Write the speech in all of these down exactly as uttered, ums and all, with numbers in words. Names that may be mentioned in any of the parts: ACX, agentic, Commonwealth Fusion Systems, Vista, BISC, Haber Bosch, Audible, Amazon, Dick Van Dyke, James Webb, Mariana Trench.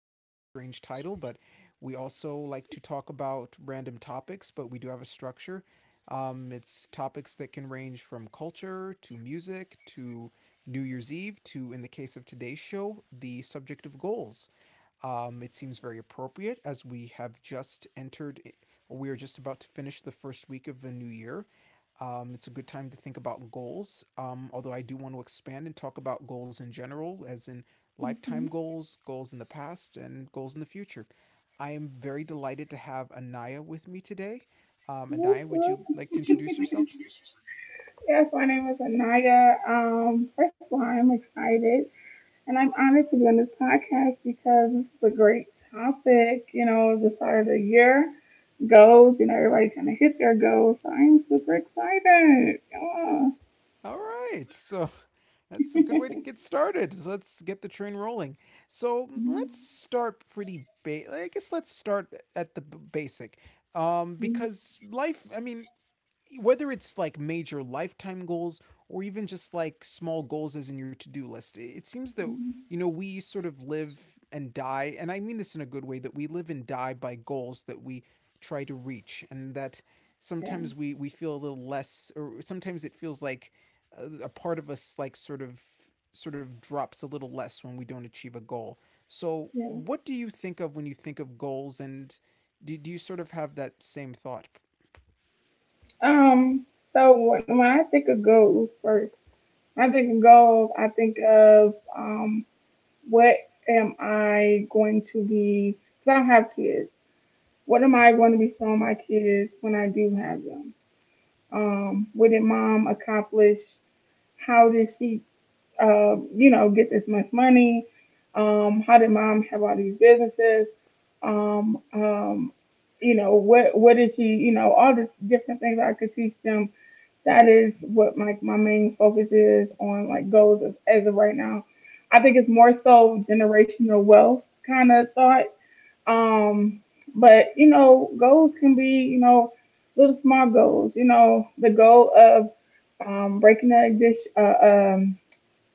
I know it's a strange title, but we also like to talk about random topics, but we do have a structure. Um, it's topics that can range from culture to music to New Year's Eve to, in the case of today's show, the subject of goals. Um, it seems very appropriate as we have just entered, eh, or we are just about to finish the first week of the new year. Um, it's a good time to think about goals, um, although I do want to expand and talk about goals in general, as in lifetime Mm-hmm. goals, goals in the past, and goals in the future. I am very delighted to have Anaya with me today. Um, Whoop, Anaya, would whoop. you like to introduce yourself? Yes, my name is Anaya. Um, first of all, I'm excited and I'm honored to be on this podcast because this is a great topic. You know, the start of the year goals, you know, everybody's trying to hit their goals. So I'm super excited. Come on. All right. So that's a good way to get started. So let's get the train rolling. So mm, let's start pretty ba- I guess let's start at the b- basic. Um because life, I mean, whether it's like major lifetime goals or even just like small goals as in your to-do list, it seems that, you know, we sort of live and die, and I mean this in a good way, that we live and die by goals that we try to reach, and that Yeah, sometimes we we feel a little less, or sometimes it feels like uh, a part of us like sort of sort of drops a little less when we don't achieve a goal. So yeah. what do you think of when you think of goals, and do, do you sort of have that same thought? Um, so when, when I think of goals first, I think of goals, I think of um what am I going to be, because I don't have kids, what am I going to be showing my kids when I do have them? Um, what did mom accomplish? How did she, uh, you know, get this much money? Um, how did mom have all these businesses? Um, um, you know, what, what what is she, you know, all the different things I could teach them, that is what my my main focus is on, like goals of, as of right now. I think it's more so generational wealth kind of thought. Um, but you know, goals can be, you know, little small goals. You know, the goal of um, breaking an addiction, uh, um,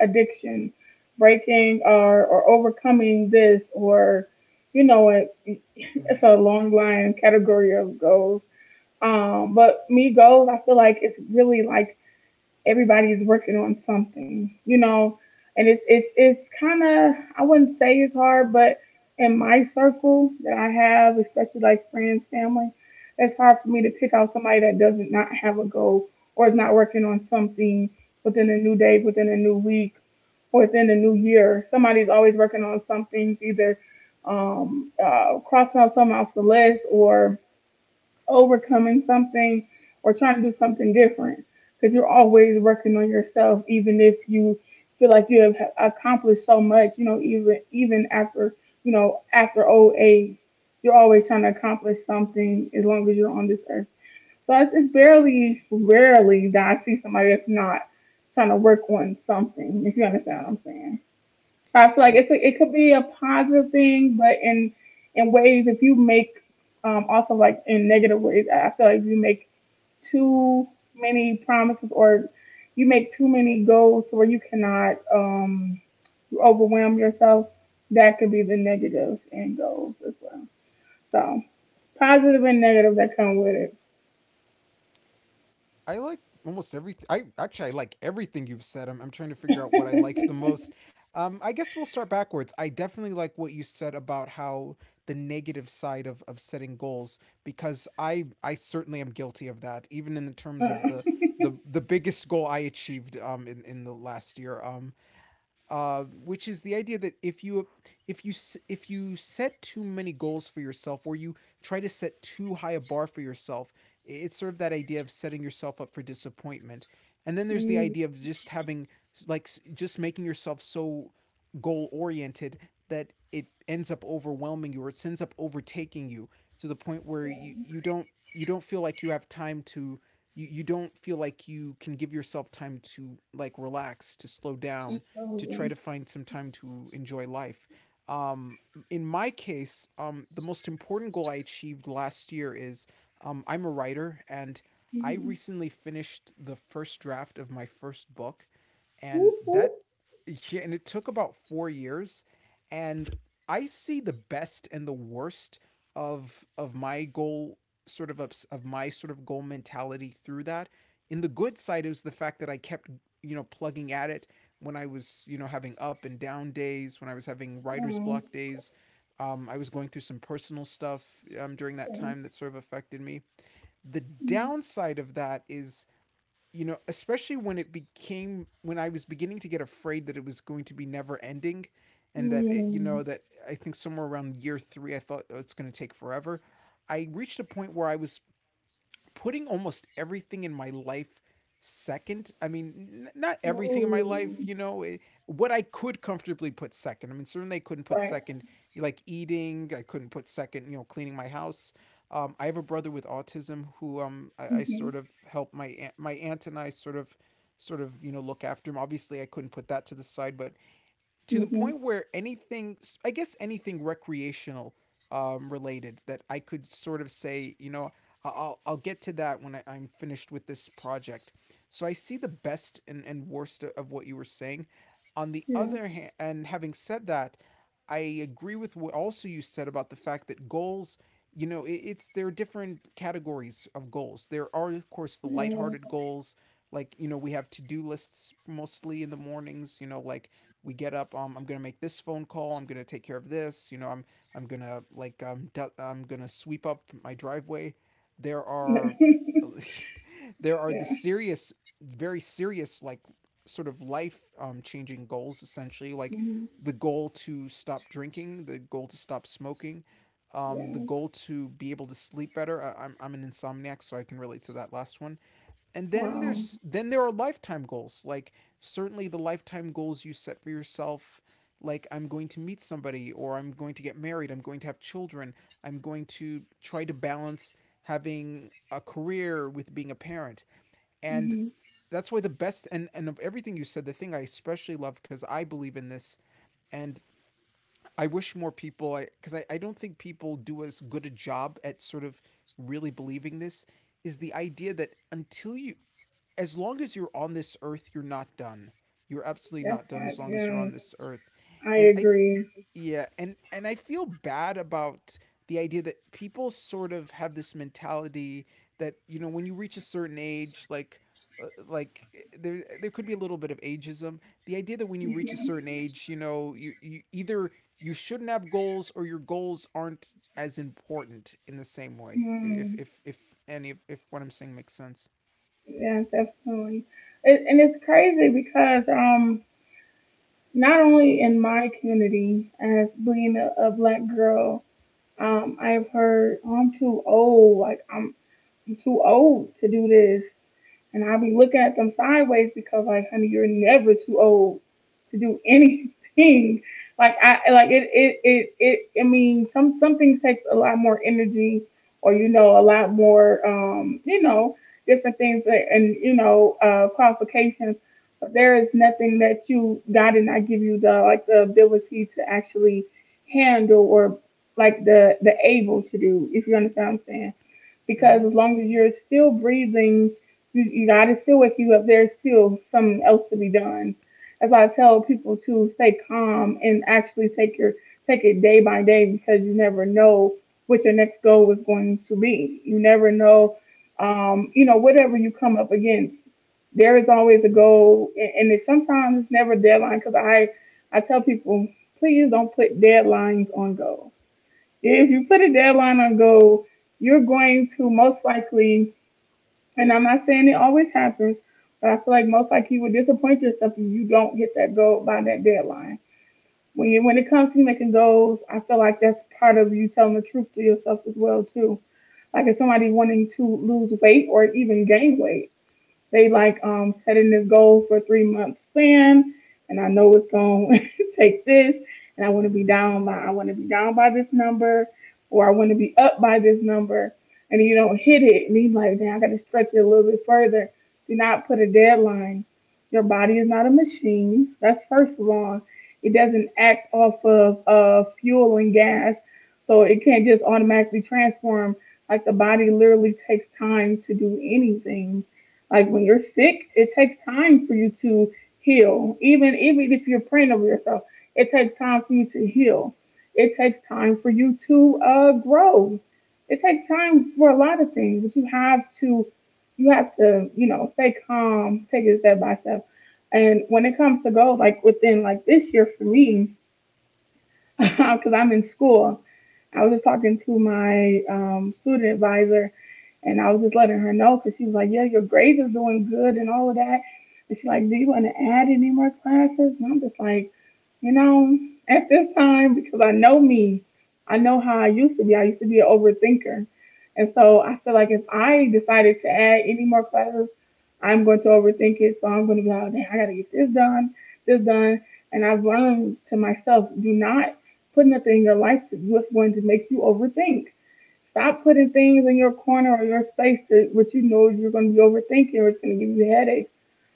addiction, breaking or or overcoming this, or you know, it, it's Mhm. a long line category of goals. Um, but me goals, I feel like it's really like everybody's working on something, you know, and it's it's it's kind of, I wouldn't say it's hard, but in my circle that I have, especially like friends, family, it's hard for me to pick out somebody that doesn't not have a goal or is not working on something within a new day, within a new week, or within a new year. Somebody's always working on something, either um, uh, crossing out something off the list, or overcoming something, or trying to do something different, because you're always working on yourself. Even if you feel like you have accomplished so much, you know, even even after, you know, after old age, you're always trying to accomplish something as long as you're on this earth. So it's, it's barely rarely that I see somebody that's not trying to work on something, if you understand what I'm saying. I feel like Oh. it's a, it could be a positive thing, but in in ways if you make um, also like in negative ways, I feel like you make too many promises, or you make too many goals to where you cannot um, you overwhelm yourself. That could be the negatives in goals as well. So positive and negative that come with it. I like almost everything. I actually, I like everything you've said. I'm I'm trying to figure out what I like the most. Um, I guess we'll start backwards. I definitely like what you said about how the negative side of of setting goals, because I I certainly am guilty of that. Even in the terms of Uh, the the the biggest goal I achieved um in in the last year. Um, uh, which is the idea that if you if you if you set too many goals for yourself, or you try to set too high a bar for yourself. It's sort of that idea of setting yourself up for disappointment, and then there's the mm, idea of just having like just making yourself so goal oriented that it ends up overwhelming you, or it ends up overtaking you to the point where you, you don't you don't feel like you have time to you, you don't feel like you can give yourself time to like relax, to slow down, to try absolutely. to find some time to enjoy life. um, in my case, um, the most important goal I achieved last year is, um, I'm a writer, and I Mhm. recently finished the first draft of my first book. And Whoop, that, whoop. yeah, and it took about four years, and I see the best and the worst of of my goal sort of ups, of my sort of goal mentality through that. In the good side is the fact that I kept, you know, plugging at it when I was, you know, having up and down days, when I was having writer's Um, block days. Um, I was going through some personal stuff um, during that okay. time that sort of affected me. The Mm, downside of that is, you know, especially when it became, when I was beginning to get afraid that it was going to be never ending, and that it, you know mm. that I think somewhere around year three, I thought, oh, it's going to take forever. I reached a point where I was putting almost everything in my life second. I mean, n- not everything in my life, Ooh. you know, it- what I could comfortably put second. I mean, certainly I couldn't put Right. second, like eating, I couldn't put second, you know, cleaning my house. Um, I have a brother with autism who, um, I, I sort Mhm. of help my aunt, my aunt and I sort of, sort of, you know, look after him. Obviously, I couldn't put that to the side, but to the Mhm. point where anything, I guess anything recreational um, related that I could sort of say, you know, I- will I'll get to that when I, I'm finished with this project. So I see the best and, and worst of what you were saying. On the Yeah. other hand, and having said that, I agree with what also you said about the fact that goals, you know, it, it's there are different categories of goals. There are, of course, the Yeah. lighthearted goals, like, you know, we have to-do lists mostly in the mornings, you know, like we get up, um, I'm gonna make this phone call, I'm gonna take care of this, you know, i'm i'm gonna like um du- I'm gonna sweep up my driveway. There are there are the yeah. serious, very serious, like, sort of life, um, changing goals essentially, like Mhm. the goal to stop drinking, the goal to stop smoking, um, the Yeah. goal to be able to sleep better. I, I'm, I'm an insomniac, so I can relate to that last one. And then Wow. there's then there are lifetime goals, like, certainly the lifetime goals you set for yourself, like, I'm going to meet somebody, or I'm going to get married, I'm going to have children, I'm going to try to balance having a career with being a parent. And Mhm. that's why the best and and of everything you said, the thing I especially love, because I believe in this, and I wish more people I because I, I I don't think people do as good a job at sort of really believing this, is the idea that until you as long as you're on this earth, you're not done. You're absolutely That's not done right. as long as you're on this Yes, earth. I And I agree. yeah, and and I feel bad about the idea that people sort of have this mentality that, you know, when you reach a certain age, like, uh, like there there could be a little bit of ageism, the idea that when you reach a Mhm. certain age, you know, you, you either you shouldn't have goals, or your goals aren't as important in the same way, if Mm. if if any, if what I'm saying makes sense. Yeah, definitely. It, and it's crazy because um, not only in my community as being a, a black girl, um, I've heard, oh, I'm too old. Like I'm, I'm too old to do this. And I'll be looking at them sideways because, like, honey, you're never too old to do anything. Like I like it it it, it I mean, some some things takes a lot more energy, or you know, a lot more um, you know, different things that, and you know, uh qualifications. But there is nothing that you God did not give you the, like the ability to actually handle, or like the the able to do, if you understand what I'm saying, Mm-hmm. because as long as you're still breathing, you, you- God is still with you if there's still something else to be done. As I tell people, to stay calm and actually take your, take it day by day, because you never know what your next goal is going to be. You never know, um, you know, whatever you come up against. There is always a goal, and it's sometimes it's never a deadline. Because I I tell people, please don't put deadlines on goals. If you put a deadline on goal, you're going to most likely, and I'm not saying it always happens, but I feel like most likely you would disappoint yourself if you don't hit that goal by that deadline. When you, when it comes to making goals, I feel like that's part of you telling the truth to yourself as well too. Like if somebody wanting to lose weight or even gain weight, they like um setting this goal for three month span, and I know it's gonna take this, and I wanna Mm-hmm. be down by, I wanna be down by this number, or I wanna be up by this number, and you don't hit it and he's like, then I gotta stretch it a little bit further. Do not put a deadline. Your body is not a machine. That's first of all. It doesn't act off of uh, fuel and gas. So it can't just automatically transform. Like the body literally takes time to do anything. Like when you're sick, it takes time for you to heal. Even even if you're praying over yourself, it takes time for you to heal. It takes time for you to uh, grow. It takes time for a lot of things, but you have to, you have to you know, stay calm, take it step by step. And when it comes to goals, like within like this year for me, because I'm in school. I was just talking to my um, student advisor, and I was just letting her know because she was like, "Yeah, your grades are doing good and all of that." And she's like, "Do you want to add any more classes?" And I'm just like, you know, at this time because I know me, I know how I used to be. I used to be an overthinker, and so I feel like if I decided to add any more classes, I'm going to overthink it. So I'm going to be like, "Dang, I got to get this done, this done." And I've learned to myself, do not putting a thing in your life that's going to make you overthink. Stop putting things in your corner or your space that, what you know you're going to be overthinking, or it's going to give you headaches.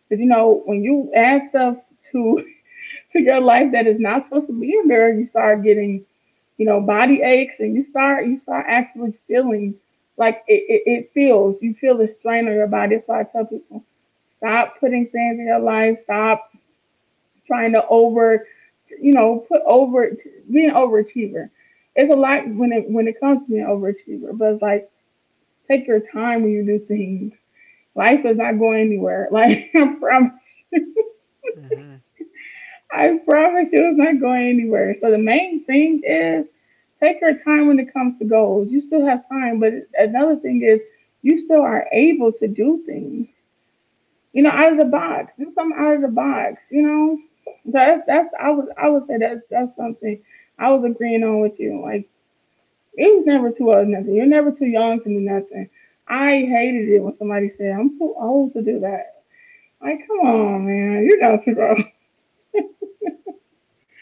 Because you know when you add stuff to to your life that is not supposed to be in there, you start getting, you know, body aches, and you start, you start actually feeling like it, it, it feels, you feel the strain on your body. That's why I tell people, stop putting things in your life. Stop trying to over, you know, put over being an overachiever. It's a lot when it, when it comes to being an overachiever, but it's like take your time when you do things. Life is not going anywhere. Like I promise, you. Mm-hmm. I promise you, it's not going anywhere. So the main thing is take your time when it comes to goals. You still have time, but another thing is you still are able to do things, you know, out of the Mm-hmm. box. Do something out of the box, you know. So that's that's I was, I would say that's that's something I was agreeing on with you. Like it was never too old nothing. You're never too young to do nothing. I hated it when somebody said I'm too old to do that. Like come on, man, you're not too old.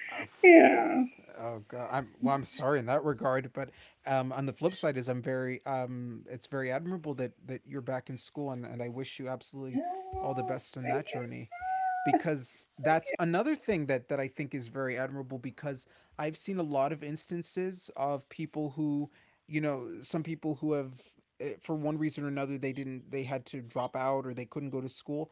Uh, f- yeah. Oh God, I'm well. I'm sorry in that regard, but um, on the flip side is, I'm very um, it's very admirable that that you're back in school, and and I wish you absolutely all the Yeah. best in that journey, because that's another thing that that I think is very admirable, because I've seen a lot of instances of people who, you know, some people who have, eh, for one reason or another, they didn't, they had to drop out, or they couldn't go to school.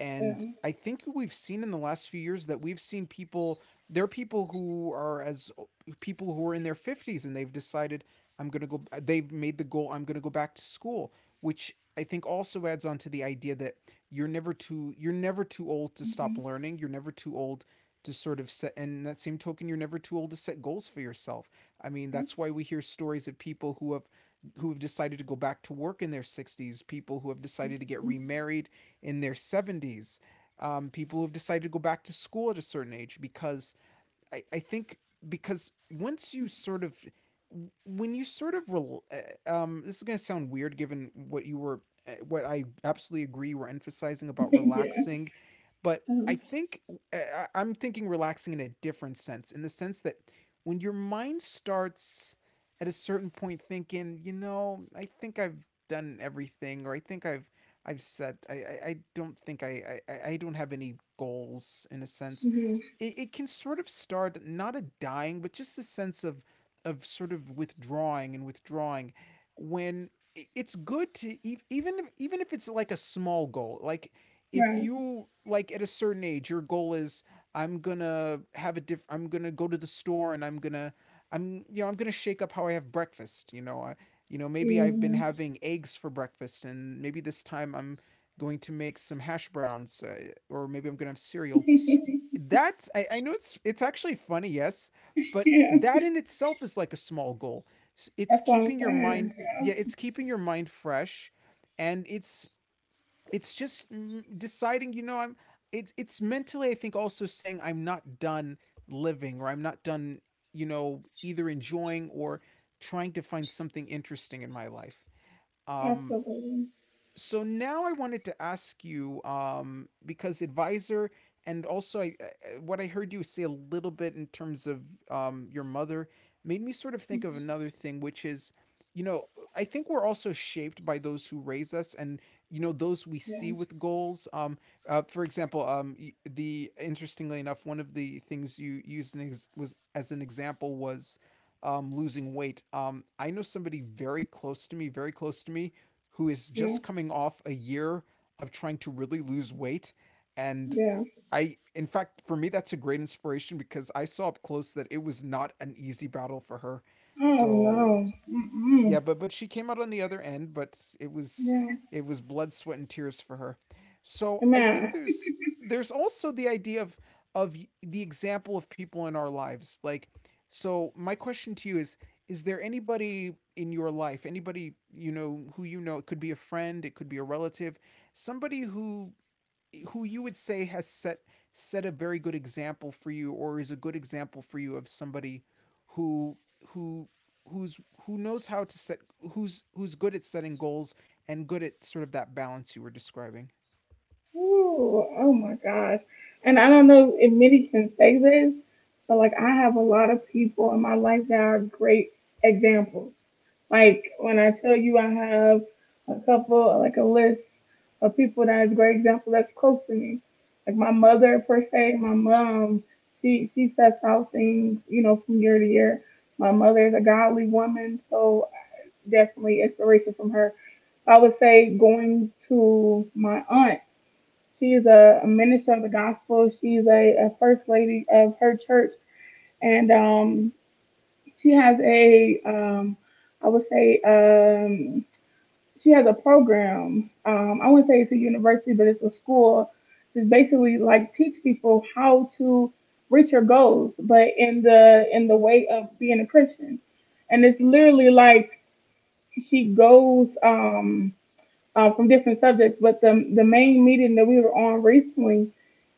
And Mhm. I think we've seen in the last few years that we've seen people there are people who are as people who are in their fifties, and they've decided, I'm going to go, they've made the goal, I'm going to go back to school, which I think also adds on to the idea that you're never too you're never too old to stop learning, you're never too old to sort of set, and that same token, you're never too old to set goals for yourself. I mean, that's why we hear stories of people who have who have decided to go back to work in their sixties, people who have decided to get remarried in their seventies, um, people who have decided to go back to school at a certain age, because I, I think, because once you sort of, when you sort of rel- uh, um this is going to sound weird given what you were uh, what I absolutely agree we're emphasizing about yeah. relaxing, but Yeah. I Um, think, uh, I- I'm thinking relaxing in a different sense, in the sense that when your mind starts at a certain point thinking, you know, I think I've done everything, or I think I've I've said I I, I don't think I, I I don't have any goals, in a sense, mhm. it, it can sort of start, not a dying, but just a sense of of sort of withdrawing and withdrawing When it's good to, even if, even if it's like a small goal, like if Right. you, like at a certain age your goal is, I'm gonna have a diff I'm gonna go to the store, and I'm gonna I'm you know, I'm gonna shake up how I have breakfast, you know, I, you know, maybe I've been Yeah. having eggs for breakfast, and maybe this time I'm going to make some hash browns, uh, or maybe I'm gonna have cereal. That's I, I know it's it's actually funny, yes, but yeah. that in itself is like a small goal. It's That's what I'm keeping your mind saying. Yeah, Yeah. it's keeping your mind fresh, and it's it's just mm, deciding, you know, I'm it's it's mentally, I think, also saying I'm not done living, or I'm not done, you know, either enjoying or trying to find something interesting in my life. Um Absolutely. so now I wanted to ask you, um, because advisor, and also I, I- what I heard you say a little bit in terms of um, your mother, made me sort of think of another thing, which is, you know, I think we're also shaped by those who raise us, and you know those we see Yes. with goals. Um, uh, for example, um, y- the interestingly enough, one of the things you used an ex- was as an example was. Um, losing weight. Um, I know somebody very close to me, very close to me, who is Yeah. just coming off a year of trying to really lose weight. And Yeah. I, in fact, for me, that's a great inspiration, because I saw up close that it was not an easy battle for her. Oh no. So Mm-mm. yeah, but but she came out on the other end, but it was Yeah. it was blood, sweat, and tears for her. So And I think man, there's there's also the idea of of the example of people in our lives. Like, so my question to you is: Is there anybody in your life, anybody you know, who you know? It could be a friend, it could be a relative, somebody who who you would say has set set a very good example for you, or is a good example for you of somebody who who who's who knows how to set who's who's good at setting goals, and good at sort of that balance you were describing. ooh, oh my gosh. And I don't know if many can say this, but like I have a lot of people in my life that are great examples. Like when I tell you, I have a couple, like a list of people that is a great example that's close to me. Like my mother per se, my mom, she she sets out things, you know, from year to year. My mother is a godly woman, so definitely inspiration from her. I would say going to my aunt. She is a, a minister of the gospel. She's a, a first lady of her church, and um, she has a um, I would say um, she has a program. Um, I wouldn't say it's a university, but it's a school to basically like teach people how to reach your goals, but in the, in the way of being a Christian. And it's literally like she goes um, uh, from different subjects, but the the main meeting that we were on recently,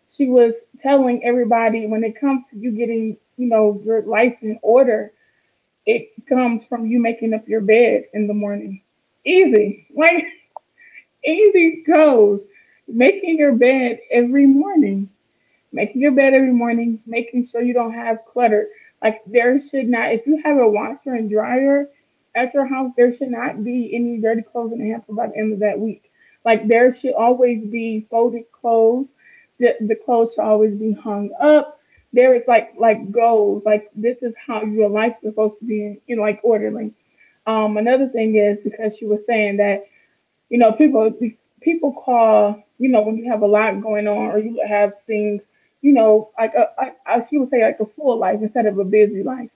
she was telling everybody when it comes to you getting, you know, your life in order, it comes from you making up your bed in the morning. Easy, like anything goes. Making your bed every morning. Making your bed every morning, making sure you don't have clutter. Like, there should not if you have a washer and dryer at your house, there should not be any dirty clothes in the hamper by the end of that week. Like, there should always be folded clothes. The, the clothes should always be hung up. There is, like, like goals. Like, this is how your life is supposed to be in, in like orderly. Um, another thing is, because you were saying that, you know, people people call, you know, when you have a lot going on, or you have things, you know, like a, I, I should say, like, a full life instead of a busy life.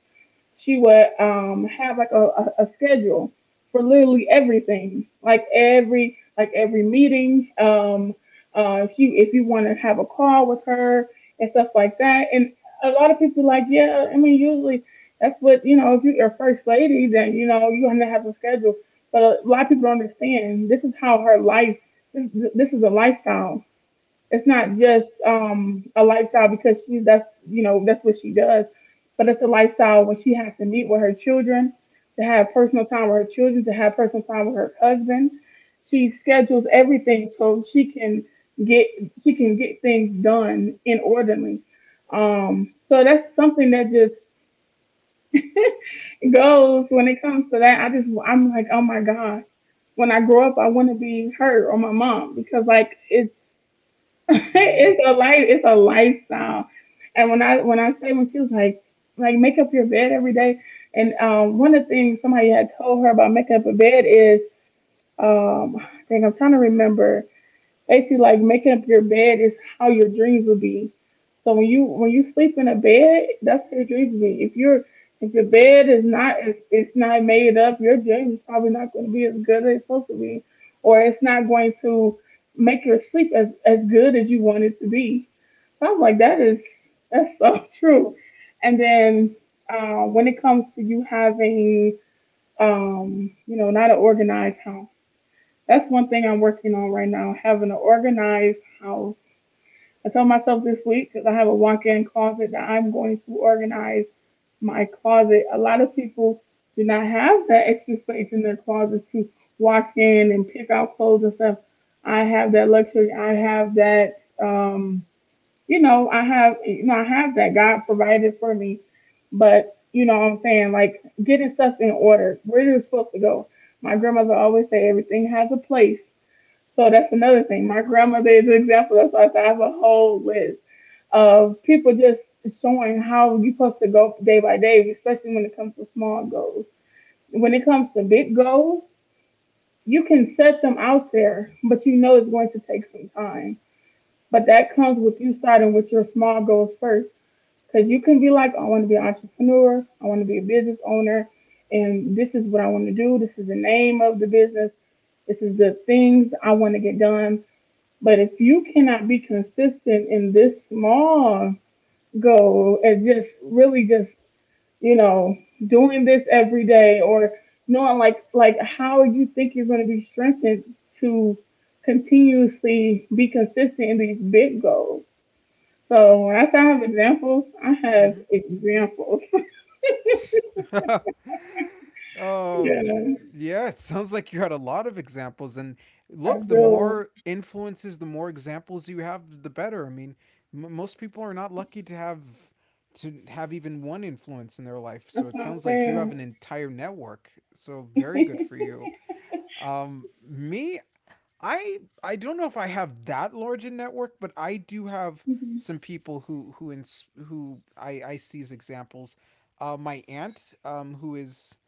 She would um have like a, a, a schedule for literally everything, like every like every meeting. um uh if you if you want to have a call with her and stuff like that. And a lot of people, like, yeah, I mean, usually that's what, you know, if you're a first lady, then, you know, you're gonna have a schedule. But a lot of people don't understand, this is how her life, this this is a lifestyle. It's not just um, a lifestyle because she that's, you know, that's what she does. But it's a lifestyle when she has to meet with her children, to have personal time with her children, to have personal time with her husband. She schedules everything so she can get she can get things done in orderly. Um, so that's something that just goes when it comes to that. I just I'm like, oh my gosh. When I grow up, I want to be her or my mom, because, like, it's Mm-hmm. it's a life it's a lifestyle. And when i when i say, when she was like, like make up your bed every day. And um one of the things somebody had told her about making up a bed is, um I think, I'm trying to remember. Basically, like, making up your bed is how your dreams will be. So when you when you sleep in a bed, that's what your dreams will be. If you're if your bed is not is it's not made up, your dream is probably not going to be as good as it's supposed to be, or it's not going to make your sleep as as good as you want it to be. So I was like, that is that's so true. And then, uh, when it comes to you having, um, you know, not an organized house. That's one thing I'm working on right now, having an organized house. I told myself this week, because I have a walk-in closet, that I'm going to organize my closet. A lot of people do not have that extra space in their closet to walk in and pick out clothes and stuff. I have that luxury. I have that. Um, you know, I have. You know, I have that. God provided for me. But you know what I'm saying? Like, getting stuff in order, where it is supposed to go. My grandmother always say everything has a place. So that's another thing. My grandmother is an example. That's why I said I have a whole list of people just showing how you're supposed to go day by day, especially when it comes to small goals. When it comes to big goals, you can set them out there, but you know it's going to take some time. But that comes with you starting with your small goals first. Because you can be like, I want to be an entrepreneur, I want to be a business owner, and this is what I want to do. This is the name of the business. This is the things I want to get done. But if you cannot be consistent in this small goal, as just really just, you know, doing this every day, or knowing, like like, how you think you're going to be strengthened to continuously be consistent in these big goals. So when I say I have examples, I have Mm-hmm. examples. Oh, Yeah, yeah, it sounds like you had a lot of examples. And I look, the do. more influences, the more examples you have, the better. I mean, m- most people are not lucky to have to have even one influence in their life. So That's it what I'm sounds like you have saying. an entire network. So very good for you. Um, me, I I don't know if I have that large a network, but I do have Hmm. some people who who ins- who I I see as examples. Uh, my aunt, um, who is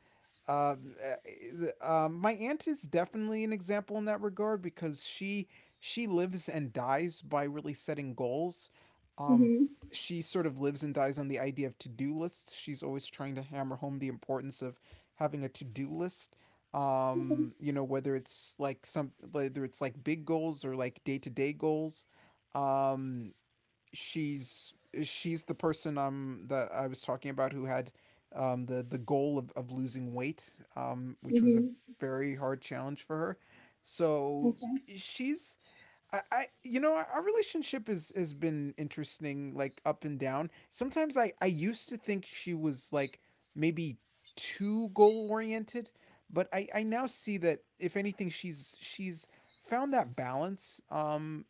um, uh, the- um, my aunt is definitely an example in that regard, because she she lives and dies by really setting goals. Um, Hmm. she sort of lives and dies on the idea of to do lists. She's always trying to hammer home the importance of having a to do list. Um, you know, whether it's like some whether it's like big goals, or like day to day goals. Um, she's she's the person um that I was talking about, who had um the the goal of, of losing weight, um which was a Hmm. very hard challenge for her. So That's right. she's I, I you know our relationship is has been interesting, like up and down. Sometimes I I used to think she was, like, maybe too goal oriented, but I I now see that, if anything, she's she's found that balance, um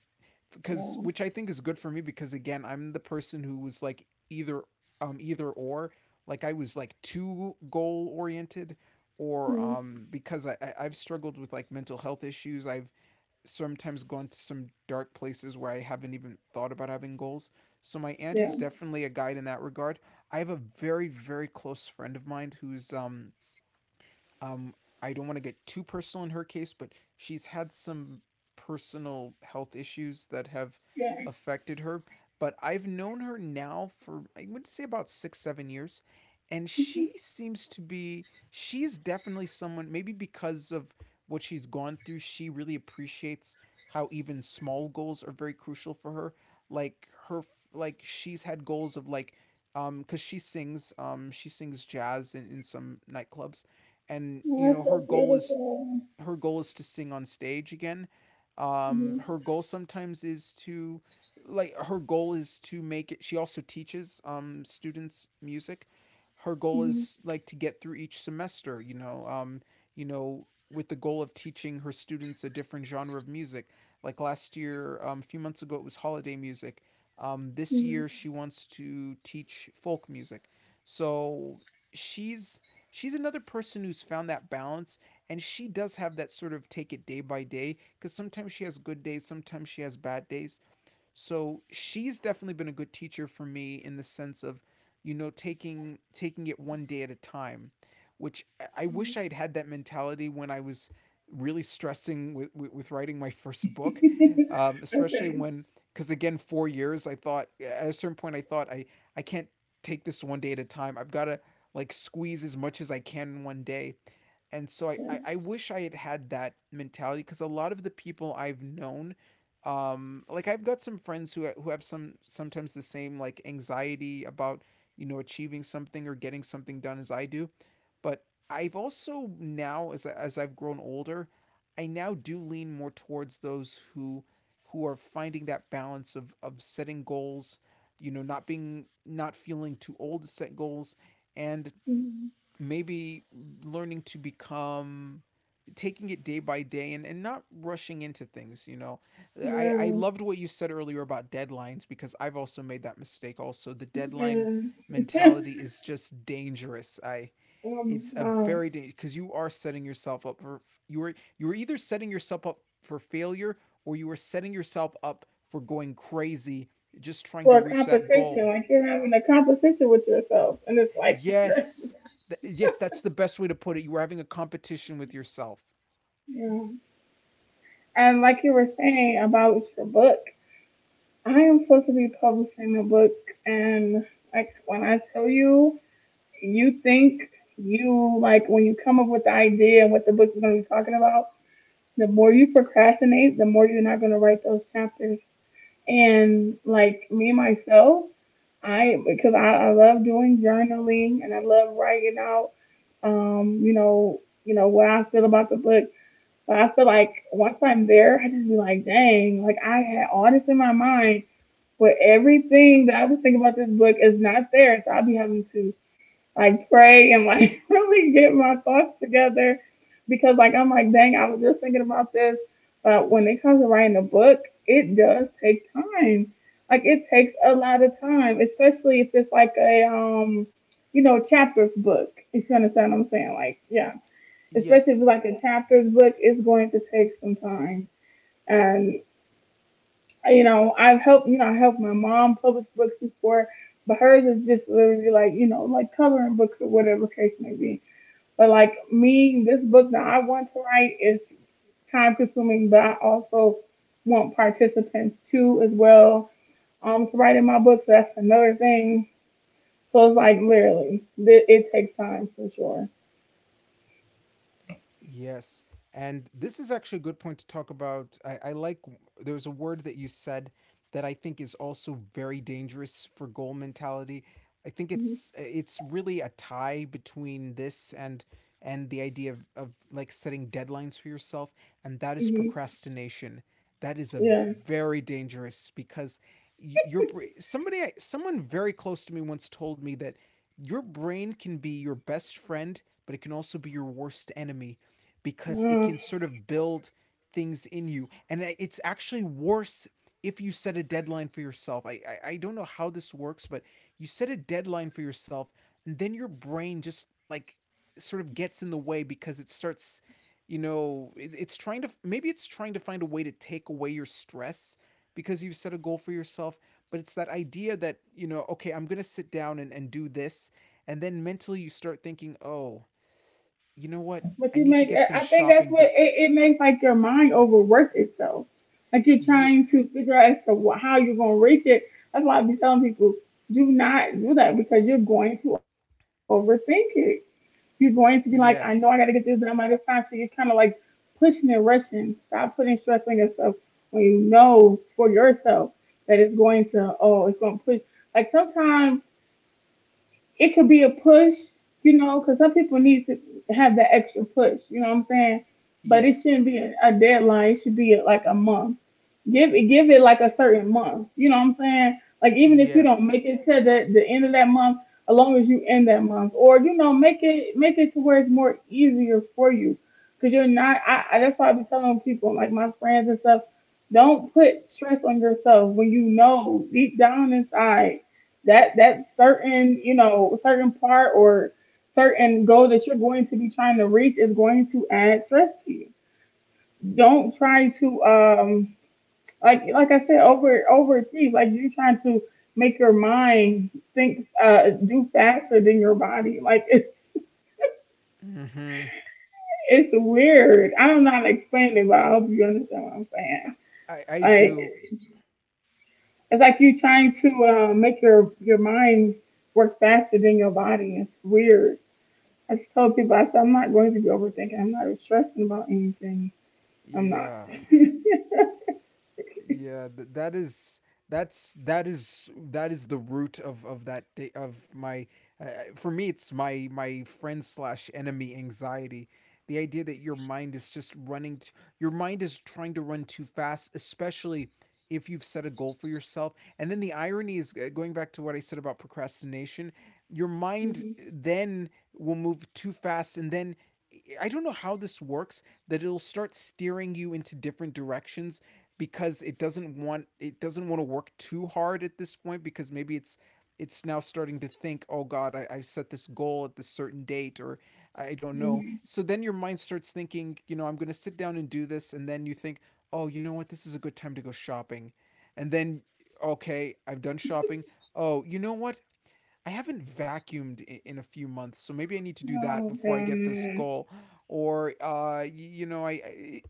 because Yeah. which I think is good for me, because again, I'm the person who was, like, either um either or, like, I was, like, too goal oriented, or Mhm. um because I I- I've struggled with, like, mental health issues. I've sometimes gone to some dark places where I haven't even thought about having goals. So my aunt Yeah. is definitely a guide in that regard. I have a very, very close friend of mine who's um um, I don't want to get too personal in her case, but she's had some personal health issues that have Yeah. affected her. But I've known her now for, I would say, about six, seven years. And Mm-hmm. she seems to be, she's definitely someone, maybe because of what she's gone through, she really appreciates how even small goals are very crucial for her. Like her, like, she's had goals of, like, um, cause she sings, um, she sings jazz in, in some nightclubs, and you You're know her so goal is beautiful. her goal is to sing on stage again. Um, her Hmm. goal sometimes is to Like, her goal is to make it. She also teaches um students music. Her goal Hmm. is, like, to get through each semester, you know um you know with the goal of teaching her students a different genre of music. Like last year um, A few months ago it was holiday music. Um, this year Hmm. she wants to teach folk music. So she's she's another person who's found that balance, and she does have that sort of take it day by day, because sometimes she has good days, sometimes she has bad days. So she's definitely been a good teacher for me, in the sense of, you know, taking taking it one day at a time, which I- wish I'd had that mentality when I was really stressing with, with, with writing my first book, um, especially Okay. when, because again, four years, I thought at a certain point, I thought I, I can't take this one day at a time. I've got to, like, squeeze as much as I can in one day. And so I, I, I Yes. wish I had had that mentality, because a lot of the people I've known, um, like, I've got some friends who who have some sometimes the same, like, anxiety about you know achieving something or getting something done as I do, but I've also now, as I- as I've grown older, I now do lean more towards those who who are finding that balance of of setting goals, you know, not being not feeling too old to set goals, and Mhm. maybe learning to become, taking it day by day, and, and not rushing into things, you know. I, I Yeah. loved what you said earlier about deadlines, because I've also made that mistake. Also, the deadline Yeah. mentality is just dangerous. I Oh my It's a very gosh. dangerous, because you are setting yourself up for you are you are either setting yourself up for failure, or you are setting yourself up for going crazy just trying to For a reach that competition. goal. Like, you're having a competition with yourself, and it's like, Yes. Th- yes, that's the best way to put it. You were having a competition with yourself. yeah. And like you were saying about your book, I am supposed to be publishing a book. And like, when I tell you, you think you, like, when you come up with the idea and what the book is going to be talking about, the more you procrastinate, the more you're not going to write those chapters. And like me myself, I because I, I love doing journaling, and I love writing out, um, you know, you know what I feel about the book. But I feel like once I'm there, I just be like, dang, like I had all this in my mind, but everything that I was thinking about this book is not there. So I'll be having to, like, pray, and, like, really get my thoughts together, because, like, I'm like, dang, I was just thinking about this. Uh, when it comes to writing a book, it does take time. Like, it takes a lot of time, especially if it's like a, um you know, chapters book, if you understand what I'm saying. Like, yeah. Especially if Yes. it's like a chapters book, it's going to take some time. And, you know, I've helped you know, I helped my mom publish books before, but hers is just literally, like, you know, like coloring books, or whatever case may be. But like me, this book that I want to write is time consuming, but I also want participants too, as well, um, to write in my book. So that's another thing. So it's like, literally, it, it takes time for sure. Yes. And this is actually a good point to talk about. I, I like, there's a word that you said that I think is also very dangerous for goal mentality. I think it's it's really a tie between this, and and the idea of, of like, setting deadlines for yourself, and that is Mm-hmm. procrastination. That is a Yeah. very dangerous, because y- your br- somebody I- someone very close to me once told me that your brain can be your best friend, but it can also be your worst enemy, because it Uh, can sort of build things in you. And it's actually worse if you set a deadline for yourself. I, I, I don't know how this works, but you set a deadline for yourself, and then your brain just, like, sort of gets in the way because it starts, you know, it, it's trying to, maybe it's trying to find a way to take away your stress because you set a goal for yourself. But it's that idea that, you know, okay, I'm going to sit down and, and do this. And then mentally you start thinking, oh, you know what? but I you need to make, get I some I think that's shopping what it, done. it makes, like, your mind overwork itself. Like, you're Yeah. trying to figure out as to wh- how you're going to reach it. That's why I be telling people, do not do that, because you're going to overthink it. You're going to be like, I know I got to get this Yes. done by this time. So you're kind of like pushing and rushing. Stop putting stress on yourself when you know for yourself that it's going to, oh, it's going to push. Like, sometimes it could be a push, you know, because some people need to have that extra push, you know what I'm saying? But it Yes. shouldn't be a a deadline. It should be like a month. Give it, give it like a certain month. You know what I'm saying? Like, even if you don't Yes. make it to the, the end of that month, as long as you end that month, or, you know, make it make it to where it's more easier for you. Because you're not. I, I that's why I be telling people, like my friends and stuff, don't put stress on yourself when you know deep down inside that that certain, you know, certain part, or certain goal that you're going to be trying to reach is going to add stress to you. Don't try to, um like like I said, over overachieve. Like, you're trying to make your mind think, uh do faster than your body. Like, it's Mhm. it's weird. I don't know how to explain it, but I hope you understand what I'm saying. I I Like, do. it's like you trying to, uh, make your your mind work faster than your body. It's weird. I just told people, I said, I'm not going to be overthinking. I'm not stressing about anything. I'm not. Yeah. Yeah, th- that is that's that is that is the root of of that day of my uh, uh, For me, it's my my friend slash enemy anxiety. The idea that your mind is just running t- your mind is trying to run too fast, especially if you've set a goal for yourself. And then the irony is, uh, going back to what I said about procrastination, your mind, uh, Hmm. then will move too fast, and then I don't know how this works, that it'll start steering you into different directions, because it doesn't want it doesn't want to work too hard at this point, because maybe it's it's now starting to think, oh god, I, i set this goal at this certain date, or i don't know. Hmm. So then your mind starts thinking, you know, I'm going to sit down and do this, and then you think, oh, you know what, this is a good time to go shopping. And then, okay, I've done shopping. Oh, you know what, I haven't vacuumed i- in a few months, so maybe I need to do that Oh before I get this god, goal. Or, uh, you know, I, I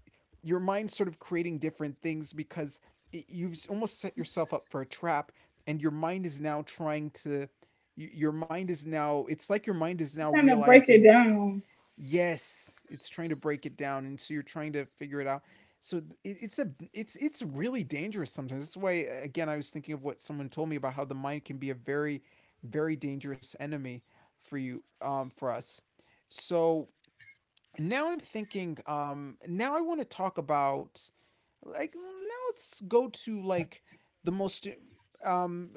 your mind's sort of creating different things, because I you've almost set yourself up for a trap, and your mind is now trying to. Your mind is now. It's like your mind is it's now time to break it realizing. down. Yes, it's trying to break it down, and so you're trying to figure it out. So it, it's a it's it's really dangerous sometimes. That's why uh, again I was thinking of what someone told me about how the mind can be a very very dangerous enemy for you um for us. So now I'm thinking um now I want to talk about like now let's go to like the most um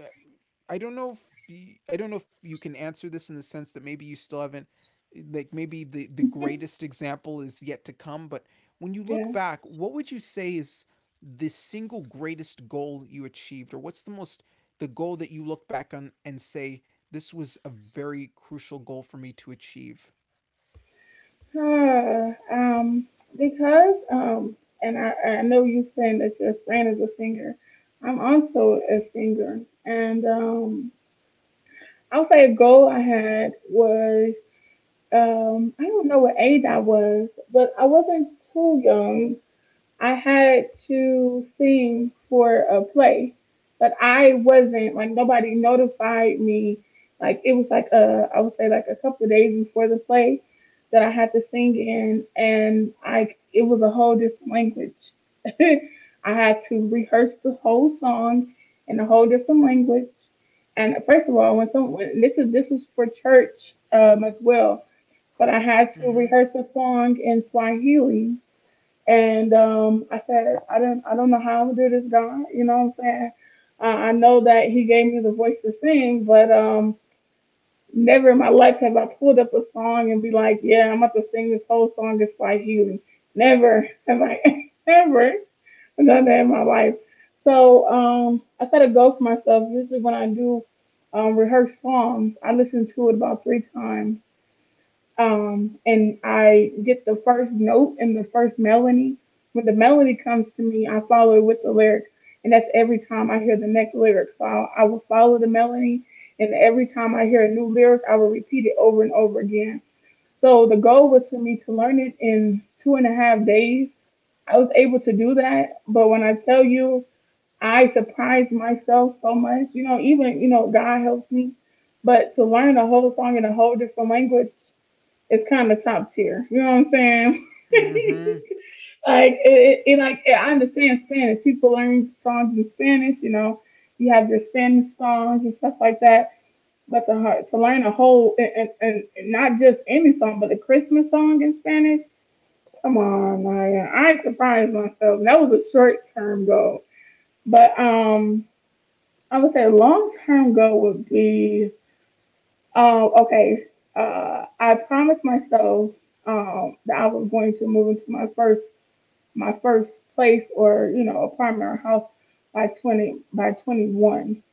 I don't know if you, I don't know if you can answer this in the sense that maybe you still haven't eh, like maybe the the greatest example is yet to come, but when you Yeah. look back, what would you say is the single greatest goal you achieved, or what's the most the goal that you look back on and say this was a very crucial goal for me to achieve? Huh. Um, because, um, and I, I know you are saying that your friend is a singer. I'm also a singer, and, um, I'll say a goal I had was, um, I don't know what age I was, but I wasn't too young. I had to sing for a play, but I wasn't like, nobody notified me. Like, it was like, a I would say like a couple of days before the play that I had to sing in, and, like, it was a whole different language. I had to rehearse the whole song in a whole different language. And first of all, when someone this is this was for church, um, as well, but I had to Mhm. rehearse a song in Swahili. And, um, I said, I don't, I don't know how I'm gonna do this, God. You know what I'm saying? Uh, I know that He gave me the voice to sing, but, um, never in my life have I pulled up a song and be like, yeah, I'm about to sing this whole song. It's by healing. Never have I ever done that in my life. So, um, I set a goal for myself. Usually when I do um, rehearse songs, I listen to it about three times, um, and I get the first note and the first melody. When the melody comes to me, I follow it with the lyric, and that's every time I hear the next lyric. So I, I will follow the melody, and every time I hear a new lyric, I will repeat it over and over again. So the goal was for me to learn it in two and a half days. I was able to do that, but when I tell you, I surprised myself so much. You know, even you know, God helps me, but to learn a whole song in a whole different language, it's kind of top tier. You know what I'm saying? Mhm. like, it, it, like I understand Spanish. People learn songs in Spanish. You know, you have your Spanish songs and stuff like that. But to to learn a whole and, and, and not just any song, but a Christmas song in Spanish. Come on, Maya. I ain't surprised myself. That was a short term goal, but um, I would say long term goal would be um, okay. Uh, I promised myself um, that I was going to move into my first my first place or, you know, apartment or house by twenty by twenty one.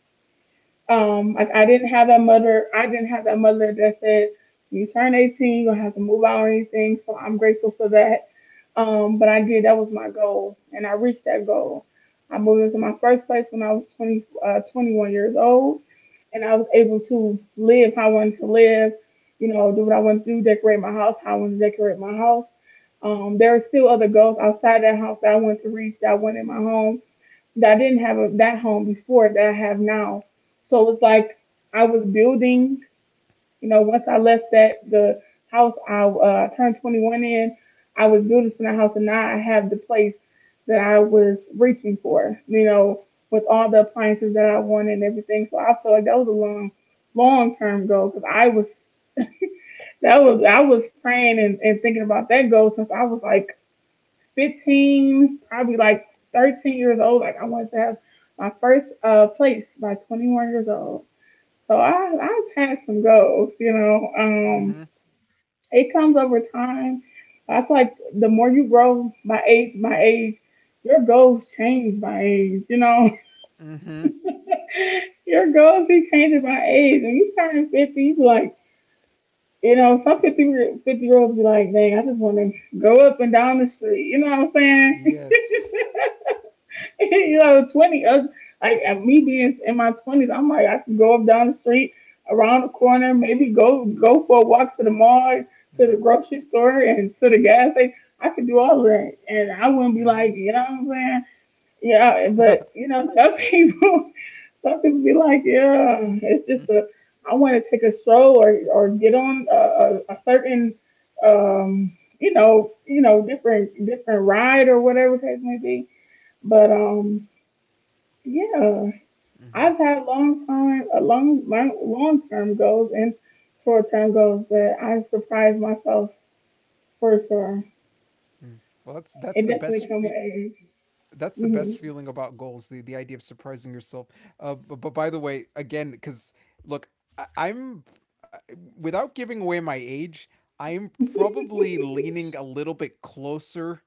Um, like I didn't have that mother. I didn't have that mother that said, "When you turn eighteen, you're going have to move out or anything." So I'm grateful for that. Um, but I did. That was my goal, and I reached that goal. I moved into my first place when I was twenty, uh, twenty one years old, and I was able to live how I wanted to live. You know, do what I wanted to do, decorate my house how I wanted to decorate my house. Um, there were still other goals outside that house that I wanted to reach, that I wanted in my home that I didn't have a, that home before that I have now. So it's like I was building, you know. Once I left that the house I uh, turned twenty one in, I was building from that house, and now I have the place that I was reaching for, you know, with all the appliances that I wanted and everything. So I feel like that was a long, long term goal because I was that was I was praying and and thinking about that goal since I was like fifteen, probably like thirteen years old. Like I wanted to have my first uh place by twenty one years old. So I I've had some goals, you know. Mhm. Um, it comes over time. I feel like the more you grow by age, by age, your goals change by age. You know, Mhm. your goals be changing by age. When you turn fifty, you be like, you know, some fifty year- year olds be like, dang, I just want to go up and down the street. You know what I'm saying? Yes. You know, twenty, us, like at me being in my twenties, I'm like, I can go up down the street, around the corner, maybe go go for a walk to the mall, to the Mhm. grocery store, and to the gas station. I could do all of that, and I wouldn't be Mhm. like, you know what I'm saying? Yeah, Mm, but, you know, some people, some people be like, yeah, it's mhm. just a, I want to take a stroll, or, or get on a, a, a certain, um, you know, you know, different different ride or whatever case may be. But um, yeah, I've had long time, a long, long term goals and short term goals that I surprised myself for sure. Mm. Well, that's that's It the best definitely come with that's the best feeling about goals, the the idea of surprising yourself. Uh but, but by the way, again, because look, I, i'm I- without giving away my age, I'm probably leaning a little bit closer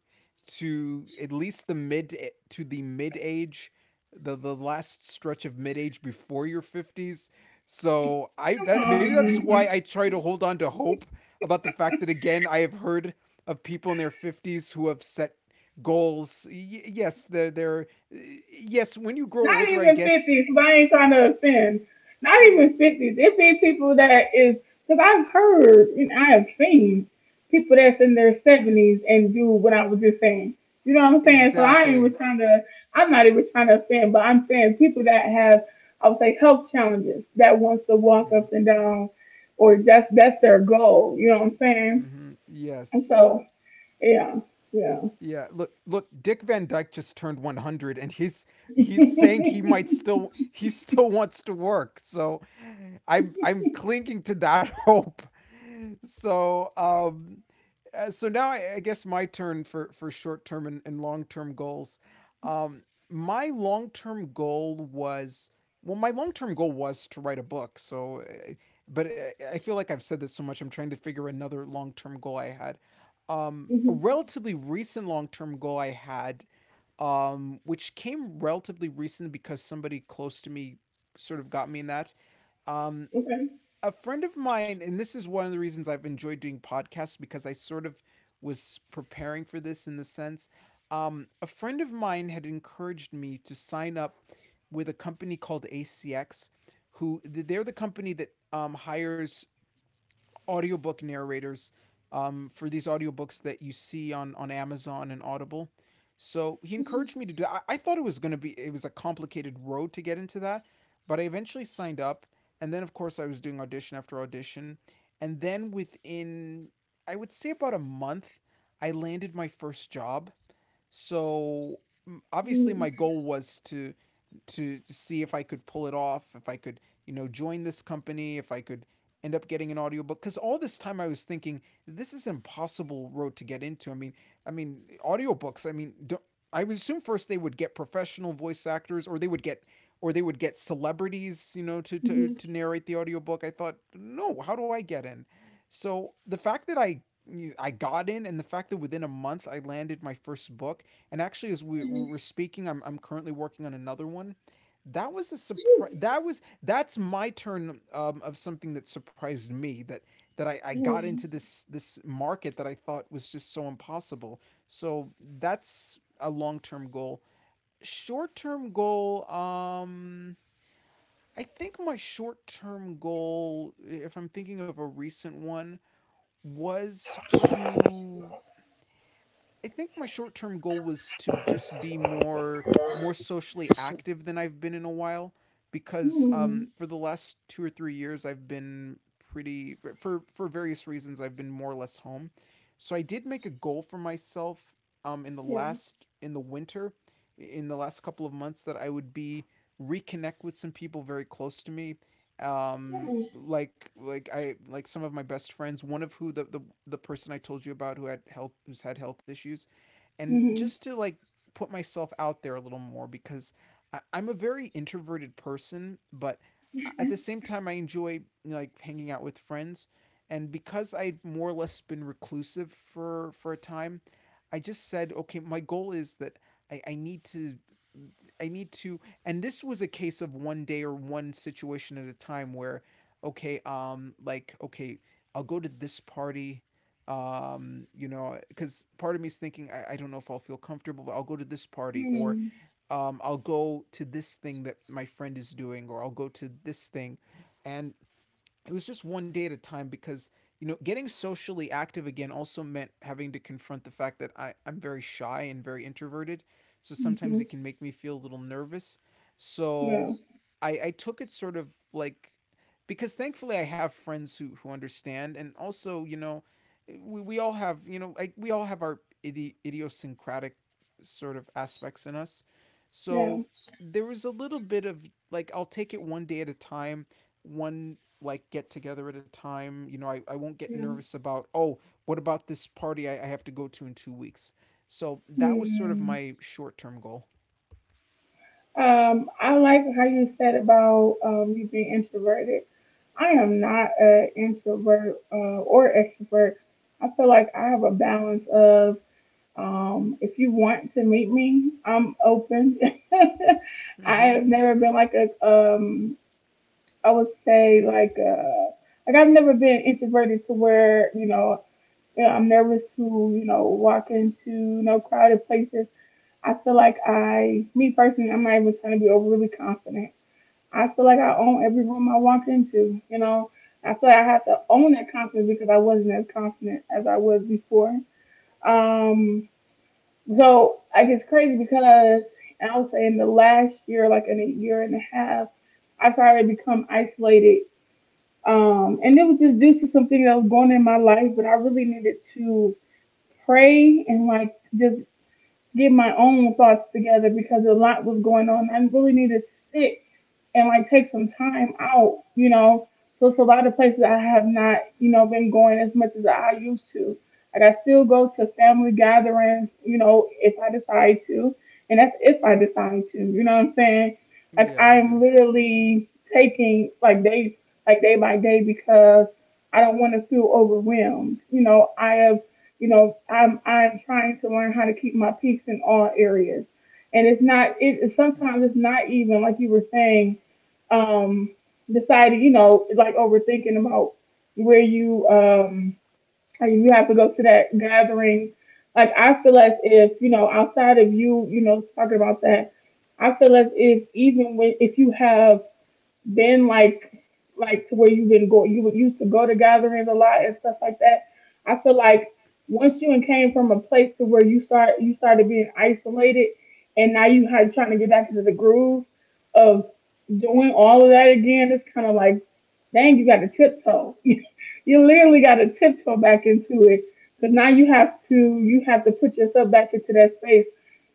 to at least the mid eh, to the mid age, the the last stretch of mid age before your fifties. So i that, maybe that's age. why I Hmm. try to hold on to hope about the fact that again I have heard of people in their fifties who have set goals. Y- yes, they're, they're yes, when you grow Not older, I even guess fifties, because I ain't trying to offend. Not even fifties. It be people that is, because I've heard and I have seen people that's in their seventies and do what I was just saying. You know what I'm saying? So I ain't even exactly. trying to, I'm not even trying to offend, but I'm saying people that have, I would say, health challenges that wants to walk up and down, or that's, that's their goal. You know what I'm saying? hmm And Yes. so, yeah, yeah. Yeah, look look Dick Van Dyke just turned one hundred and he's he's saying he might still he still wants to work. So I'm I'm clinging to that hope. So um Uh, so now I, I guess my turn for for short term and, and long term goals. Um, my long term goal was well, my long term goal was to write a book. So, uh, but I I feel like I've said this so much. I'm trying to figure another long term goal I had. Um, a relatively recent long term goal I had, um, which came relatively recent because somebody close to me sort of got me in that. Um, Okay. a friend of mine, and this is one of the reasons I've enjoyed doing podcasts because I sort of was preparing for this in the sense, um, a friend of mine had encouraged me to sign up with a company called A C X, who they're the company that um, hires audiobook narrators um, for these audiobooks that you see on, on Amazon and Audible. So he encouraged me to do that. I, I thought it was going to be, it was a complicated road to get into that, but I eventually signed up. And then, of course, I was doing audition after audition. And then within, I would say about a month, I landed my first job. So obviously my goal was to to, to see if I could pull it off, if I could, you know, join this company, if I could end up getting an audiobook, cuz all this time I was thinking this is an impossible road to get into. I mean, I mean audiobooks, I mean, don't, I would assume first they would get professional voice actors, or they would get or they would get celebrities, you know, to to to narrate the audiobook. I thought, "No, how do I get in?" So, the fact that I I got in, and the fact that within a month I landed my first book, and actually as we we- we're speaking, I'm I'm currently working on another one. That was a surprise. That was that's my turn um, of something that surprised me that that I, I Yeah. got into this this market that I thought was just so impossible. So that's a long term goal. Short term goal. Um, I think my short term goal, if I'm thinking of a recent one, was to I think my short term goal was to just be more more socially active than I've been in a while, because Mm. um, for the last two or three years I've been pretty, for for various reasons, I've been more or less home. So I did make a goal for myself um, in the Yeah. last in the winter, in the last couple of months, that I would be reconnect with some people very close to me, um like like I like some of my best friends, one of who the the, the person I told you about who had health, who's had health issues, and Mm. just to like put myself out there a little more, because I, I'm a very introverted person, but at the same time I enjoy like hanging out with friends. And because I'd more or less been reclusive for for a time, I just said, okay, my goal is that I, I need to I need to, and this was a case of one day or one situation at a time where okay, um like okay, I'll go to this party, um you know because part of me is thinking I, I don't know if I'll feel comfortable, but I'll go to this party or Mm. um I'll go to this thing that my friend is doing or I'll go to this thing, and it was just one day at a time, because you know getting socially active again also meant having to confront the fact that I, I'm very shy and very introverted, so sometimes Hmm. it can make me feel a little nervous. Yeah. So i I took it sort of like, because thankfully I have friends who who understand, and also you know we, we all have you know I, we all have our idi- idiosyncratic sort of aspects in us. Yeah. So there was a little bit of like I'll take it one day at a time, one like get together at a time. You know, I, I won't get Yeah. nervous about, oh, what about this party I, I have to go to in two weeks? So that was sort of Mhm. my short term goal. Um, I like how you said about um you being introverted. I am not an introvert uh, or extrovert. I feel like I have a balance of, um, if you want to meet me, I'm open. I Mm-hmm. have never been like a, um, I would say like a, like I've never been introverted to where, you know, you know, I'm nervous to, you know, walk into, you know, crowded places. I feel like I, me personally, I'm not even trying to be overly confident. I feel like I own every room I walk into, you know. I feel like I have to own that confidence because I wasn't as confident as I was before. Um, so like it's crazy because I would say in the last year, like in a year and a half, I started to become isolated. Um, and it was just due to some things that was going on in my life, but I really needed to pray and like just get my own thoughts together because a lot was going on. I really needed to sit and like take some time out, you know. So it's a lot of places I have not, you know, been going as much as I used to. Like I still go to family gatherings, you know, if I decide to. And that's if I decide to, you know what I'm saying? Like Yeah, I do. I'm literally taking like day like day by day because I don't want to feel overwhelmed. You know, I have, you know, I'm I'm trying to learn how to keep my peaks in all areas. And it's not it sometimes it's not even like you were saying, um, decided, you know, like overthinking about where you, um, how you have to go to that gathering. Like I feel as if, you know, outside of you, you know, talking about that, I feel as if even when if you have been like like to where you been go you would used to go to gatherings a lot and stuff like that. I feel like once you came from a place to where you start you started being isolated, and now you had trying to get back into the groove of doing all of that again, it's kind of like, dang, you got to tiptoe. You literally got to tiptoe back into it. But now you have to you have to put yourself back into that space,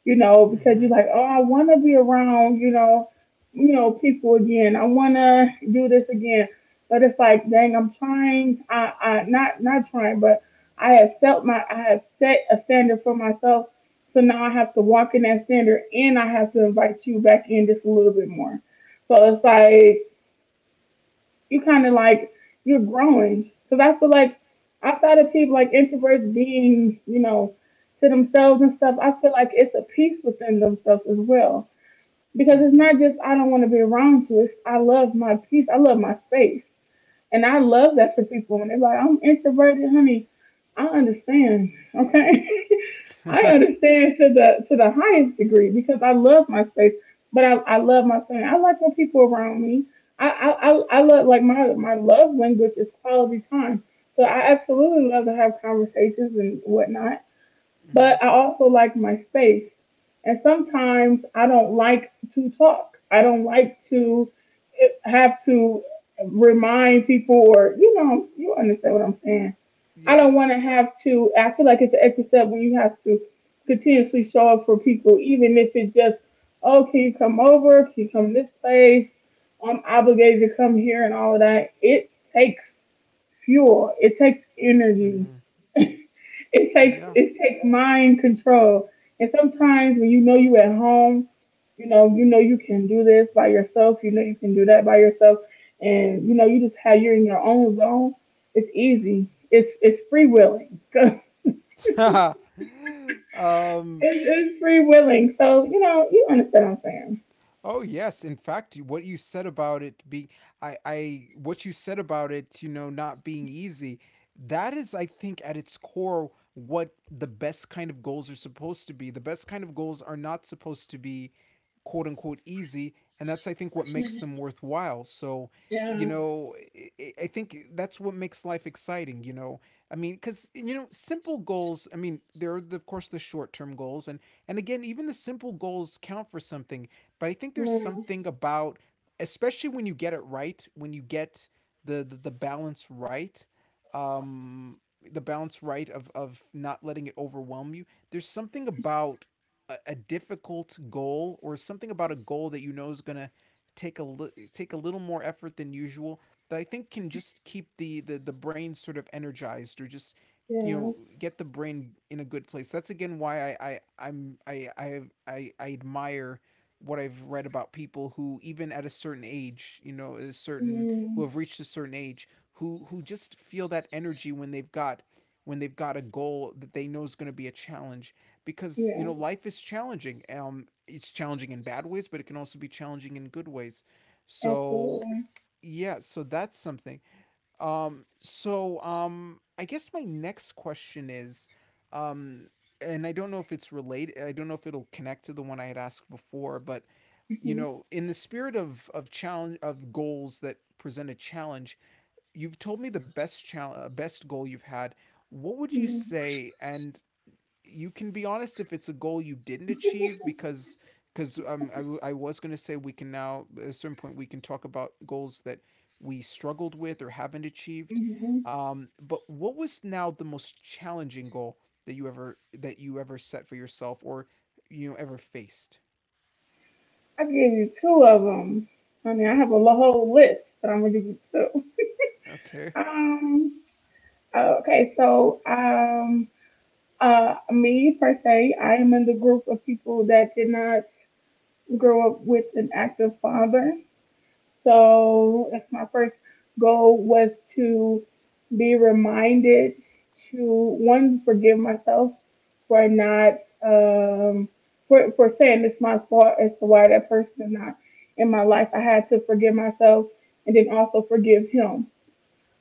you know, Mm-hmm. because you're like, oh, I want to be around, you know you know, people again. I want to do this again. But it's like, dang, I'm trying. I, I not not trying, but I have set my I have set a standard for myself. So now I have to walk in that standard, and I have to invite you back in just a little bit more. So it's like you kind of like you're growing because I feel like outside of people like introverts being, you know, to themselves and stuff, I feel like it's a peace within themselves as well, because it's Mm-hmm. not just I don't want to be around you. It's I love my peace. I love my space, and I love that for people. When they're like, "I'm introverted, honey," I understand. Okay, I understand to the to the highest degree because I love my space, but I, I love my family. I like when people around me. I I, I I love like my my love language is quality time. So I absolutely love to have conversations and whatnot, Mm-hmm. but I also like my space. And sometimes I don't like to talk. I don't like to eh, have to remind people, or, you know, you understand what I'm saying. Yeah. I don't want to have to, I feel like it's an extra step when you have to continuously show up for people, even if it's just, oh, can you come over? Can you come to this place? I'm obligated to come here and all of that. It takes fuel, it takes Mm-hmm. energy. It takes Yeah. it takes mind control. And sometimes when you know you at home, you know, you know you can do this by yourself, you know you can do that by yourself, and you know, you just have you're in your own zone, it's easy. It's it's free willing. it's, um it's free willing. So, you know, you understand what I'm saying. Oh yes, in fact, what you said about it being I I what you said about it, you know, not being easy, that is I think at its core what the best kind of goals are supposed to be. The best kind of goals are not supposed to be quote unquote easy, and that's I think what makes them worthwhile. So, you Yeah. know, I, I I think that's what makes life exciting, you know. I mean, cuz you know, simple goals, I mean, there are the, of course the short-term goals, and and again, even the simple goals count for something, but I think there's No, something about, especially when you get it right, when you get the the, the balance right, um, the balance right of of not letting it overwhelm you. There's something about a, a difficult goal, or something about a goal that you know is gonna take a li- take a little more effort than usual, that I think can just keep the the the brain sort of energized, or just you yeah. know get the brain in a good place. That's again why I I I'm I I I, I admire what I've read about people who even at a certain age, you know, a certain who Mm, have reached a certain age, who who just feel that energy when they've got when they've got a goal that they know is going to be a challenge, because you yeah. know life is challenging. Um, it's challenging in bad ways, but it can also be challenging in good ways. So Absolutely. yeah, so that's something. Um, so um, I guess my next question is, um, and I don't know if it's related. I don't know if it'll connect to the one I had asked before, but you know in the spirit of of challenge, of goals that present a challenge, you've told me the best challenge best goal you've had. What would you Hmm. say, and you can be honest if it's a goal you didn't achieve, because because um, I, w- I was going to say we can now at a certain point we can talk about goals that we struggled with or haven't achieved, Hmm. um, but what was now the most challenging goal that you ever that you ever set for yourself or you know ever faced? I can give you two of them. I mean, I have a whole list, but I'm gonna give you two. Okay. Um. Okay. So, um, uh, me per se, I am in the group of people that did not grow up with an active father. So that's my first goal was to be reminded to one forgive myself for not um for for saying it's my fault as to why that person is not in my life. I had to forgive myself and then also forgive him,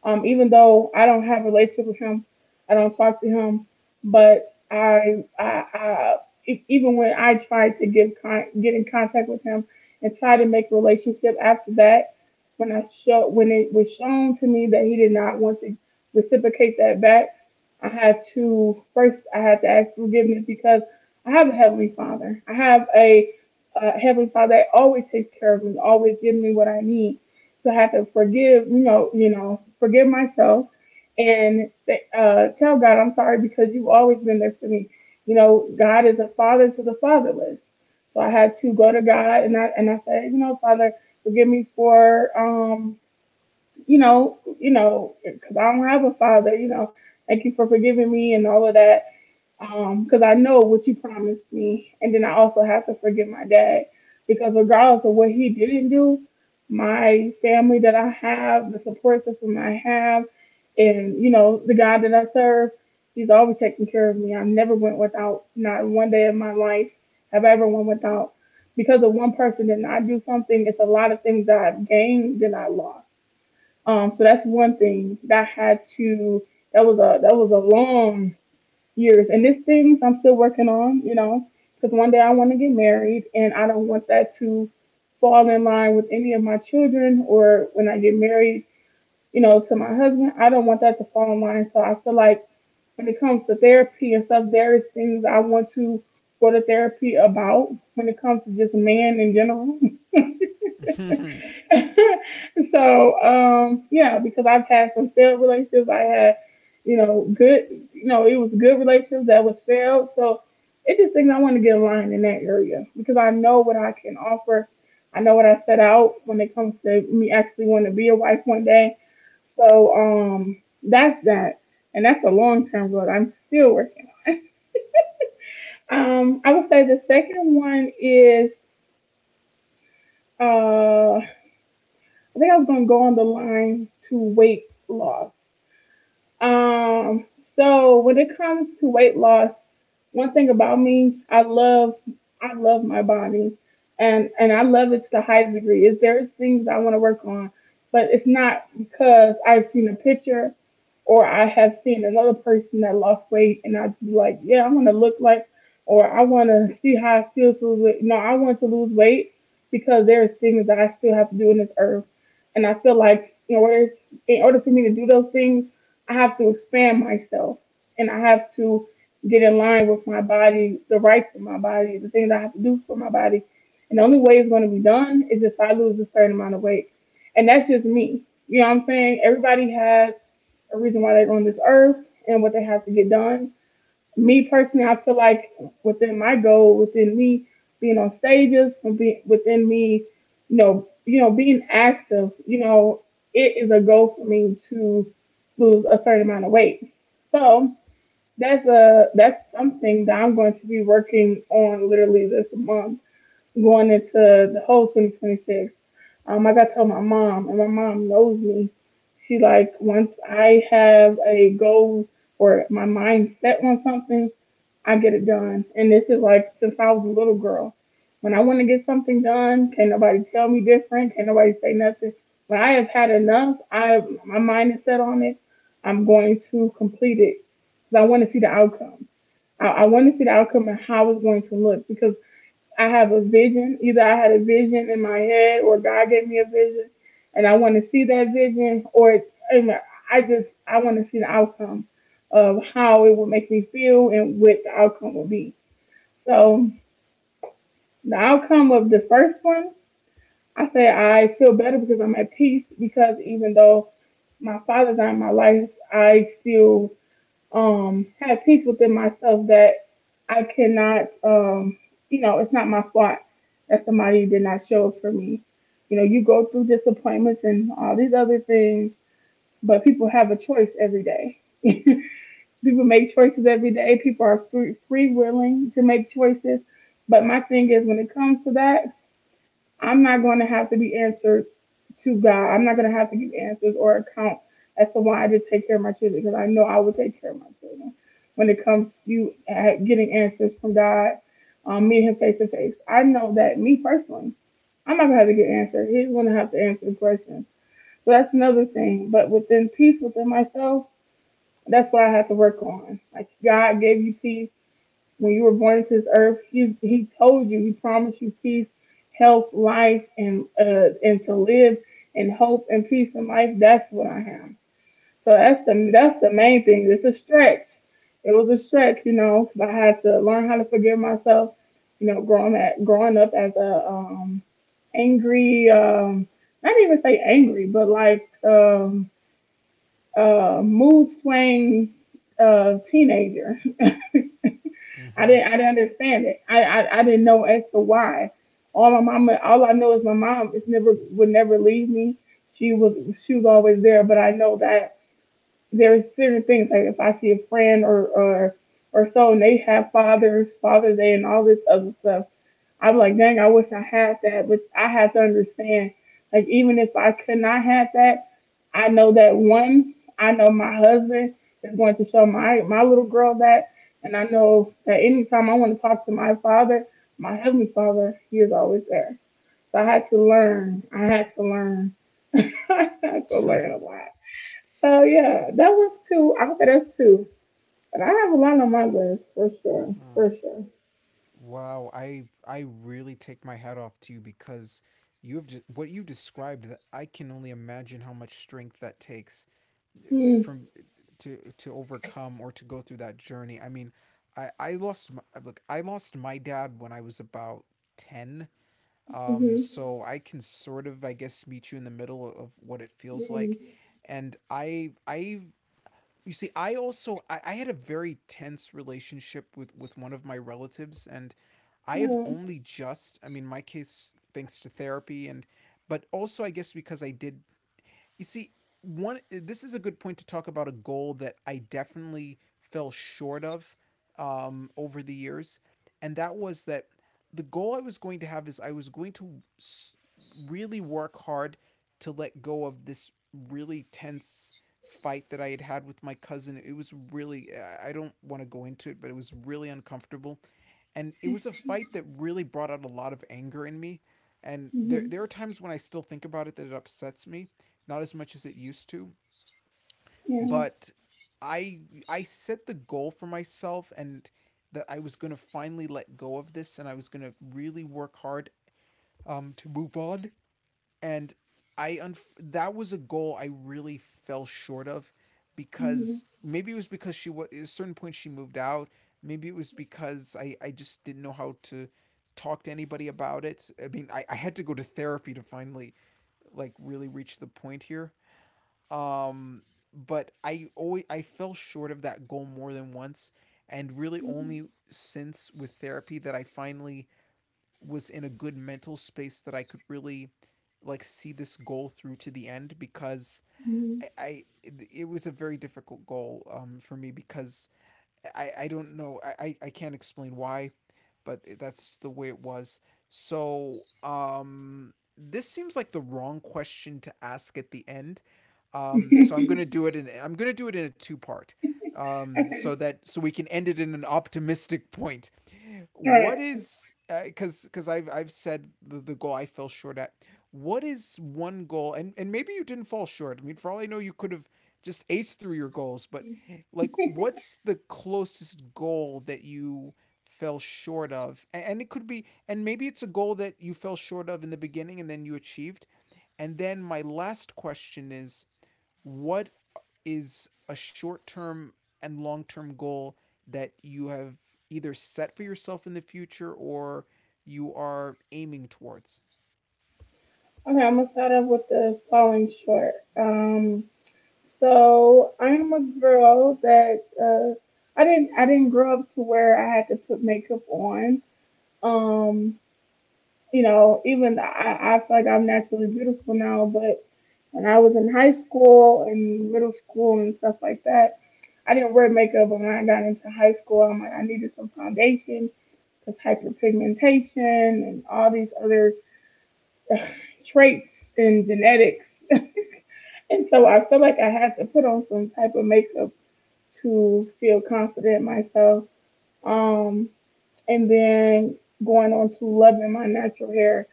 um, even though I don't have a relationship with him, I don't talk to him, but I, I, I e- even when I tried to give con- get in contact with him and try to make a relationship after that, when I show when it was shown to me that he did not want to reciprocate that back, I had to first I had to ask forgiveness because I have a heavenly Father. I have a uh, heavenly Father that always takes care of me, always gives me what I need. So I had to forgive, you know, you know, forgive myself and, uh, tell God I'm sorry because you've always been there for me. You know, God is a father to the fatherless. So I had to go to God and I and I said, you know, Father, forgive me for um, you know, you know, because I don't have a father. You know, thank you for forgiving me and all of that because I know what you promised me. And then I also have to forgive my dad because, regardless of what he didn't do, my family that I have, the support system I have, and you know, the God that I serve, he's always taking care of me. I never went without, not one day of my life have I ever went without. Because of one person did not do something, it's a lot of things that I've gained that I lost. Um, so that's one thing that I had to. That was a that was a long years. And these things I'm still working on, you know, because one day I want to get married and I don't want that to fall in line with any of my children or when I get married, you know, to my husband. I don't want that to fall in line. So I feel like when it comes to therapy and stuff, there is things I want to go to therapy about when it comes to just man in general. So um yeah, because I've had some failed relationships, I had, you know, good, you know, it was good relationships that was failed. So it's just things I want to get aligned in that area because I know what I can offer, I know what I set out when it comes to me actually wanting to be a wife one day. So um that's that, and that's a long term road I'm still working. um I would say the second one is, uh I think I was gonna go on the lines to weight loss. Um, so when it comes to weight loss, one thing about me, I love I love my body, and and I love it to the highest degree. If there's things that I want to work on, but it's not because I've seen a picture or I have seen another person that lost weight and I just be like, yeah, I want to look like or I want to see how it feels to lose weight. No, I want to lose weight because there's things that I still have to do in this earth, and I feel like in order in order for me to do those things, I have to expand myself and I have to get in line with my body, the rights of my body, the things I have to do for my body. And the only way it's going to be done is if I lose a certain amount of weight. And that's just me. You know what I'm saying? Everybody has a reason why they're on this earth and what they have to get done. Me personally, I feel like within my goal, within me being on stages, within within me, you know, you know, being active, you know, it is a goal for me to lose a certain amount of weight. So that's a that's something that I'm going to be working on literally this month, going into the whole twenty twenty-six. Um, I got to tell my mom, and my mom knows me. She like once I have a goal or my mind set on something, I get it done. And this is like since I was a little girl. When I want to get something done, can't nobody tell me different. Can't nobody say nothing. When I have had enough, I my mind is set on it. I'm going to complete it because I want to see the outcome. I, I want to see the outcome and how it's going to look because I have a vision. Either I had a vision in my head or God gave me a vision and I want to see that vision or I just I want to see the outcome of how it will make me feel and what the outcome will be. So the outcome of the first one, I say I feel better because I'm at peace because even though my father's not in my life, I still um had peace within myself that I cannot um you know, it's not my fault that somebody did not show up for me. You know, you go through disappointments and all these other things, but people have a choice every day. People make choices every day. People are free, free willing to make choices. But my thing is, when it comes to that, I'm not going to have to be answered to God. I'm not going to have to give answers or account as to why I did take care of my children because I know I would take care of my children. When it comes to you uh, getting answers from God, um, meeting Him face to face, I know that me personally, I'm not going to have to get answered. He's going to have to answer the questions. So that's another thing. But within peace within myself, that's what I have to work on. Like God gave you peace when you were born into this earth, he he told you, he promised you peace, health, life, and, uh, and to live in hope and peace and life. That's what I have. So that's the that's the main thing. It's a stretch. It was a stretch, you know, because I had to learn how to forgive myself. You know, growing at growing up as a, um, angry, um, not even say angry, but like, um, uh, mood swing, uh, teenager. I Mm-hmm. didn't I didn't understand it. I, I, I didn't know as to why. All my mama all I know is my mom is never would never leave me. She was she was always there, but I know that there's certain things like if I see a friend or or or so and they have fathers, Father's Day and all this other stuff. I'm like, dang, I wish I had that. But I have to understand, like, even if I could not have that, I know that one, I know my husband is going to show my, my little girl that. And I know that anytime I want to talk to my father, my heavenly father, he is always there. So I had to learn. I had to learn. I had to learn a lot. So yeah, that was two. I said that's two. But I have a lot on my list for sure. For Oh. sure. Wow, I I really take my hat off to you, because you have de- what you described. That I can only imagine how much strength that takes, eh, Mm-hmm. from eh, to to overcome or to go through that journey. I mean, I I lost my, look. I lost my dad when I was about ten. Um, Mm-hmm. so I can sort of, I guess, meet you in the middle of what it feels Mm-hmm. like, and I I you see, I also, I, I had a very tense relationship with with one of my relatives, and I have Yeah. only just, I mean, my case thanks to therapy and but also I guess because I did, you see, one this is a good point to talk about a goal that I definitely fell short of um, over the years, and that was that the goal I was going to have is I was going to s- really work hard to let go of this really tense fight that I had had with my cousin. It was really, I I don't want to go into it, but it was really uncomfortable, and it was a fight that really brought out a lot of anger in me, and there Mhm. there are times when I still think about it that it upsets me, not as much as it used to, Yeah. but I I set the goal for myself and that I was going to finally let go of this, and I was going to really work hard um to move on, and I unf- that was a goal I really fell short of Mhm. because maybe it was because she was, at a certain point, she moved out. Maybe it was because I I just didn't know how to talk to anybody about it. I mean, I, I had to go to therapy to finally like really reach the point here. Um, but I always, I fell short of that goal more than once, and really Mhm. only since with therapy that I finally was in a good mental space that I could really like see this goal through to the end. Because Mhm. I, I it was a very difficult goal um for me because I, I don't know. I, I, can't explain why, but that's the way it was. So, um, this seems like the wrong question to ask at the end. Um, so I'm gonna do it in I'm gonna do it in a two part. Um, so Okay. that, so we can end it in an optimistic point. All right. What Okay, is, because because I've I've said the, the goal I fell short at. What is one goal? and and maybe you didn't fall short. I mean, for all I know, you could have just aced through your goals, but like what's the closest goal that you fell short of? And it could be, and maybe it's a goal that you fell short of in the beginning and then you achieved. And then my last question is, what is a short-term and long-term goal that you have either set for yourself in the future or you are aiming towards? I'm gonna start off with the falling short. Um, so I'm a girl that, uh, I didn't I didn't grow up to where I had to put makeup on. Um, you know, even I, I feel like I'm naturally beautiful now, but when I was in high school and middle school and stuff like that, I didn't wear makeup. But when I got into high school, I'm like I needed some foundation because hyperpigmentation and all these other traits in genetics. And so I feel like I had to put on some type of makeup to feel confident myself. Um, and then going on to loving my natural hair.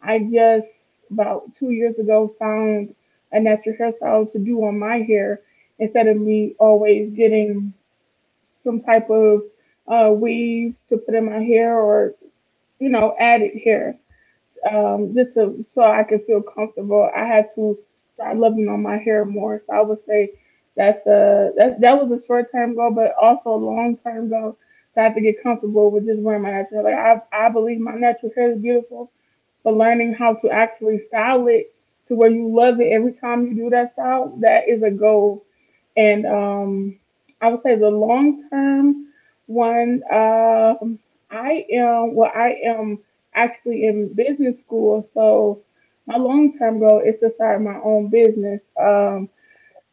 I just about two years ago found a natural hairstyle to do on my hair instead of me always getting some type of, uh, weave to put in my hair or, you know, added hair, um, just to, so I could feel comfortable. I had to start loving on my hair more. So I would say that's a that that was a short term goal, but also a long term goal. So I have to get comfortable with just wearing my natural hair. Like I I believe my natural hair is beautiful, but learning how to actually style it to where you love it every time you do that style, that is a goal. And um, I would say the long term one, um, I am, well, I am actually in business school. So my long term goal is to start my own business. Um,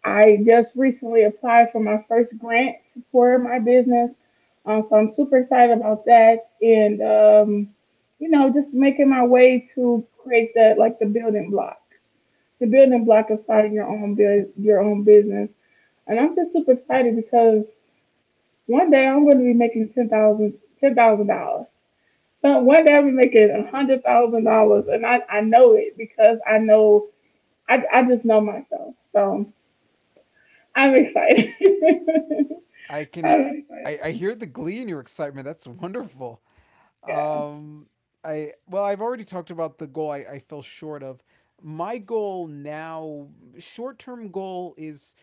I just recently applied for my first grant for my business. Um, so I'm super excited about that. And, um, you know, just making my way to create that like the building block. The building block of starting your own, bu- your own business. And I'm just super excited because one day I'm going to be making ten thousand dollars, ten thousand dollars. So one day I'll be making a hundred thousand dollars, and I I know it because I know I I just know myself. So I'm excited. I can, I'm I, I excited. hear the glee in your excitement. That's wonderful. Yeah. Um, I well, I've already talked about the goal I, I fell short of. My goal now, short term goal, is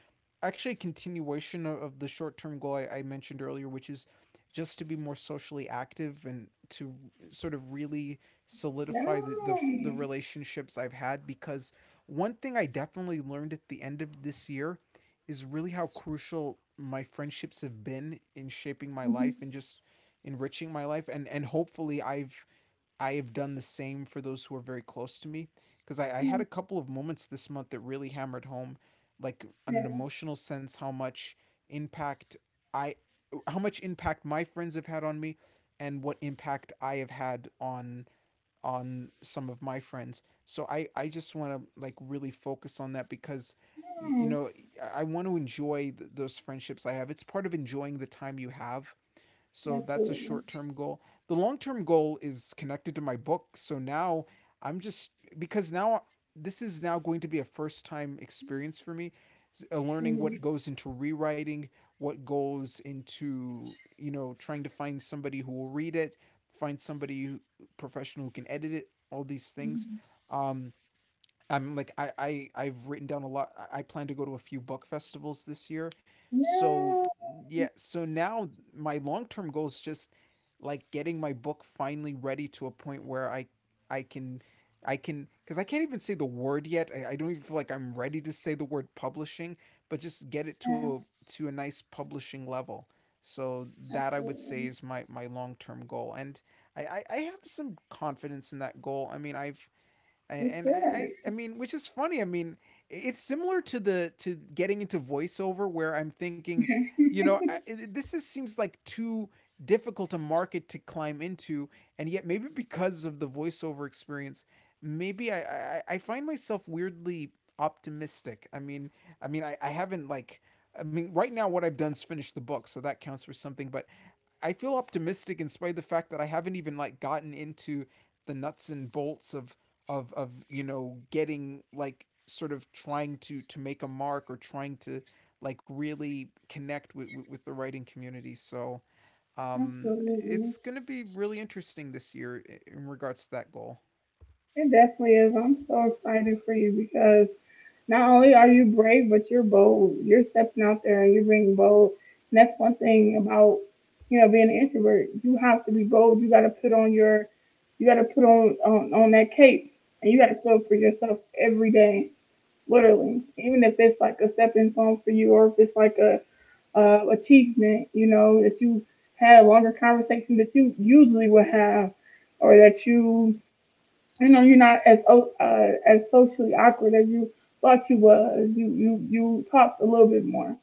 actually a continuation of, of the short term goal I, I mentioned earlier, which is just to be more socially active and to sort of really solidify the, the, the Nice. relationships I've had. Because one thing I definitely learned at the end of this year is really how crucial my friendships have been in shaping my life Mhm. and just enriching my life, and and hopefully i've i've done the same for those who are very close to me, because I, I Yeah. had a couple of moments this month that really hammered home like on an Yeah. emotional sense how much impact I how much impact my friends have had on me, and what impact I have had on on some of my friends. So i i just want to like really focus on that because, you Yeah. know, I want to enjoy th- those friendships I have. It's part of enjoying the time you have. So that's a Absolutely. short term goal. The long term goal is connected to my book. So now I'm just, because now this is now going to be a first time experience for me, uh, learning what Mhm. goes into rewriting, what goes into, you know, trying to find somebody who will read it, find somebody who, professional who can edit it, all these things. Mhm. Um, I'm like I, I I've written down a lot. I- I plan to go to a few book festivals this year. So Yeah. yeah, so now my long-term goal is just like getting my book finally ready to a point where I I can, I can, because I can't even say the word yet. I, I don't even feel like I'm ready to say the word publishing, but just get it to Yeah. a to a nice publishing level. So that I would say Absolutely. is my my long-term goal. And I, I, I have some confidence in that goal. I mean I've and, It's and good. I, I I mean, which is funny. I mean, it's similar to the to getting into voiceover where I'm thinking, you know, I, this, is, seems like too difficult a market to climb into, and yet maybe because of the voiceover experience, maybe I I, I find myself weirdly optimistic. I mean, I mean, I, I haven't like. I mean, right now, what I've done is finish the book, so that counts for something. But I feel optimistic in spite of the fact that I haven't even like gotten into the nuts and bolts of of of you know getting, like, sort of trying to to make a mark, or trying to like really connect with with, with the writing community. So um, Absolutely. it's gonna be really interesting this year in regards to that goal. It definitely is. I'm so excited for you because not only are you brave, but you're bold. You're stepping out there and you're being bold. And that's one thing about, you know, being an introvert. You have to be bold. You got to put on your, you got to put on, on, on that cape and you got to show up for yourself every day, literally. Even if it's like a stepping stone for you or if it's like a, uh, achievement, you know, that you had a longer conversation that you usually would have or that you you know, you're not as, uh, as socially awkward as you thought you was, you you you talked a little bit more.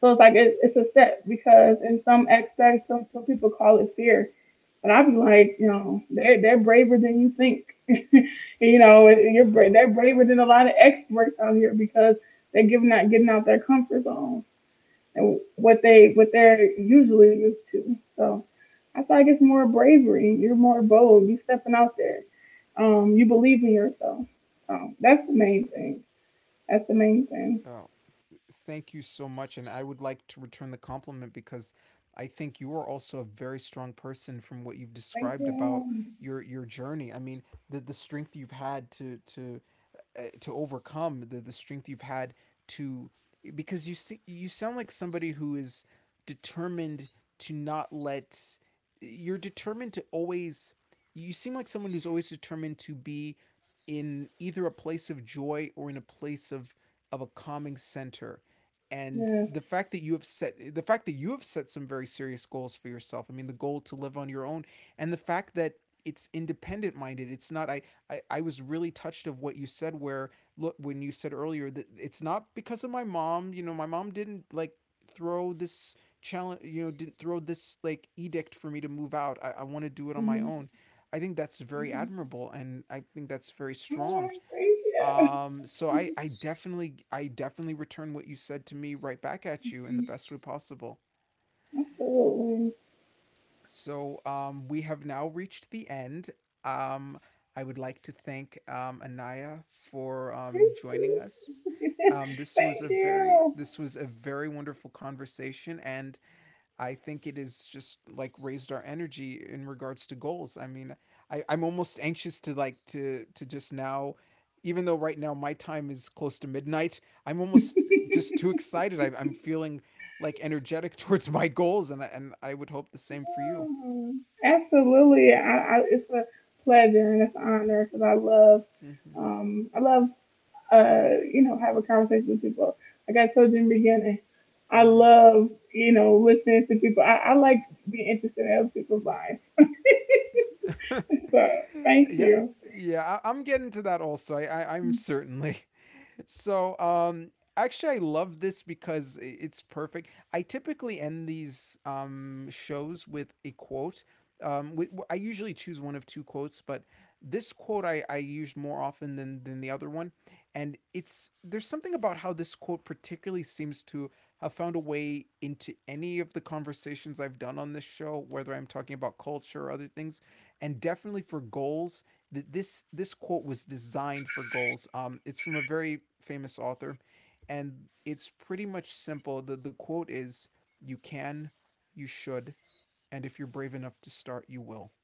So it's like it, it's a step because in some aspects some, some people call it fear, but I'd be like, you know, they're, they're braver than you think. You know, and you're bra- oh, they're braver than a lot of experts out here because they're giving out getting out their comfort zone and what they what they're usually used to. So I feel like it's more bravery. You're more bold. You are stepping out there. Um, you believe in yourself. Um, that's the main thing. That's the main thing. thank you so much. And I would like to return the compliment because I think you are also a very strong person from what you've Thank described about you. your your journey. I mean, the the strength you've had to to uh, to overcome, the the strength you've had to, because you see, you sound like somebody who is determined to not let, you're determined to always, you seem like someone who's always determined to be in either a place of joy or in a place of of a calming center. And Yes. the fact that you have set the fact that you have set some very serious goals for yourself. I mean, the goal to live on your own and the fact that it's independent minded. It's not i I, I was really touched of what you said where, look, when you said earlier that it's not because of my mom, you know, my mom didn't like throw this challenge, you know, didn't throw this like edict for me to move out. i, I want to do it on my Mhm. own. I think that's very admirable and I think that's very All strong. right, thank you. Um so i i definitely i definitely return what you said to me right back at you in the best way possible. Absolutely. So um, we have now reached the end. Um, I would like to thank um, Anaya for um, Thank joining you. us. Um, this was a Thank very, you. this was a very wonderful conversation, and I think it is just like raised our energy in regards to goals. I mean, I, I'm almost anxious to like to to just now, even though right now my time is close to midnight, I'm almost just too excited. I, I'm feeling like energetic towards my goals, and I, and I would hope the same for you. Mm. Absolutely. I, I, it's a pleasure and it's an honor because I love, Mm-hmm. um, I love uh, you know, have a conversation with people. Like I told you in the beginning, I love, you know, listening to people. I, I like being interested in other people's lives. Mm-hmm. So thank yeah, you. yeah. I, I'm getting to that also. I, I I'm certainly. So, um, actually, I love this because i- it's perfect. I typically end these um, shows with a quote. Um, wi- w- I usually choose one of two quotes, but this quote I, I used more often than, than the other one. And it's there's something about how this quote particularly seems to have found a way into any of the conversations I've done on this show, whether I'm talking about culture or other things, and definitely for goals, this this quote was designed for goals. Um, it's from a very famous author, and it's pretty much simple. the The quote is, "You can, you should, and if you're brave enough to start, you will."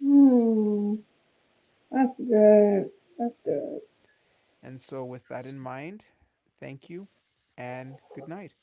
Hmm, that's good. That's Mm. good. And so, with that in mind, thank you, and good night.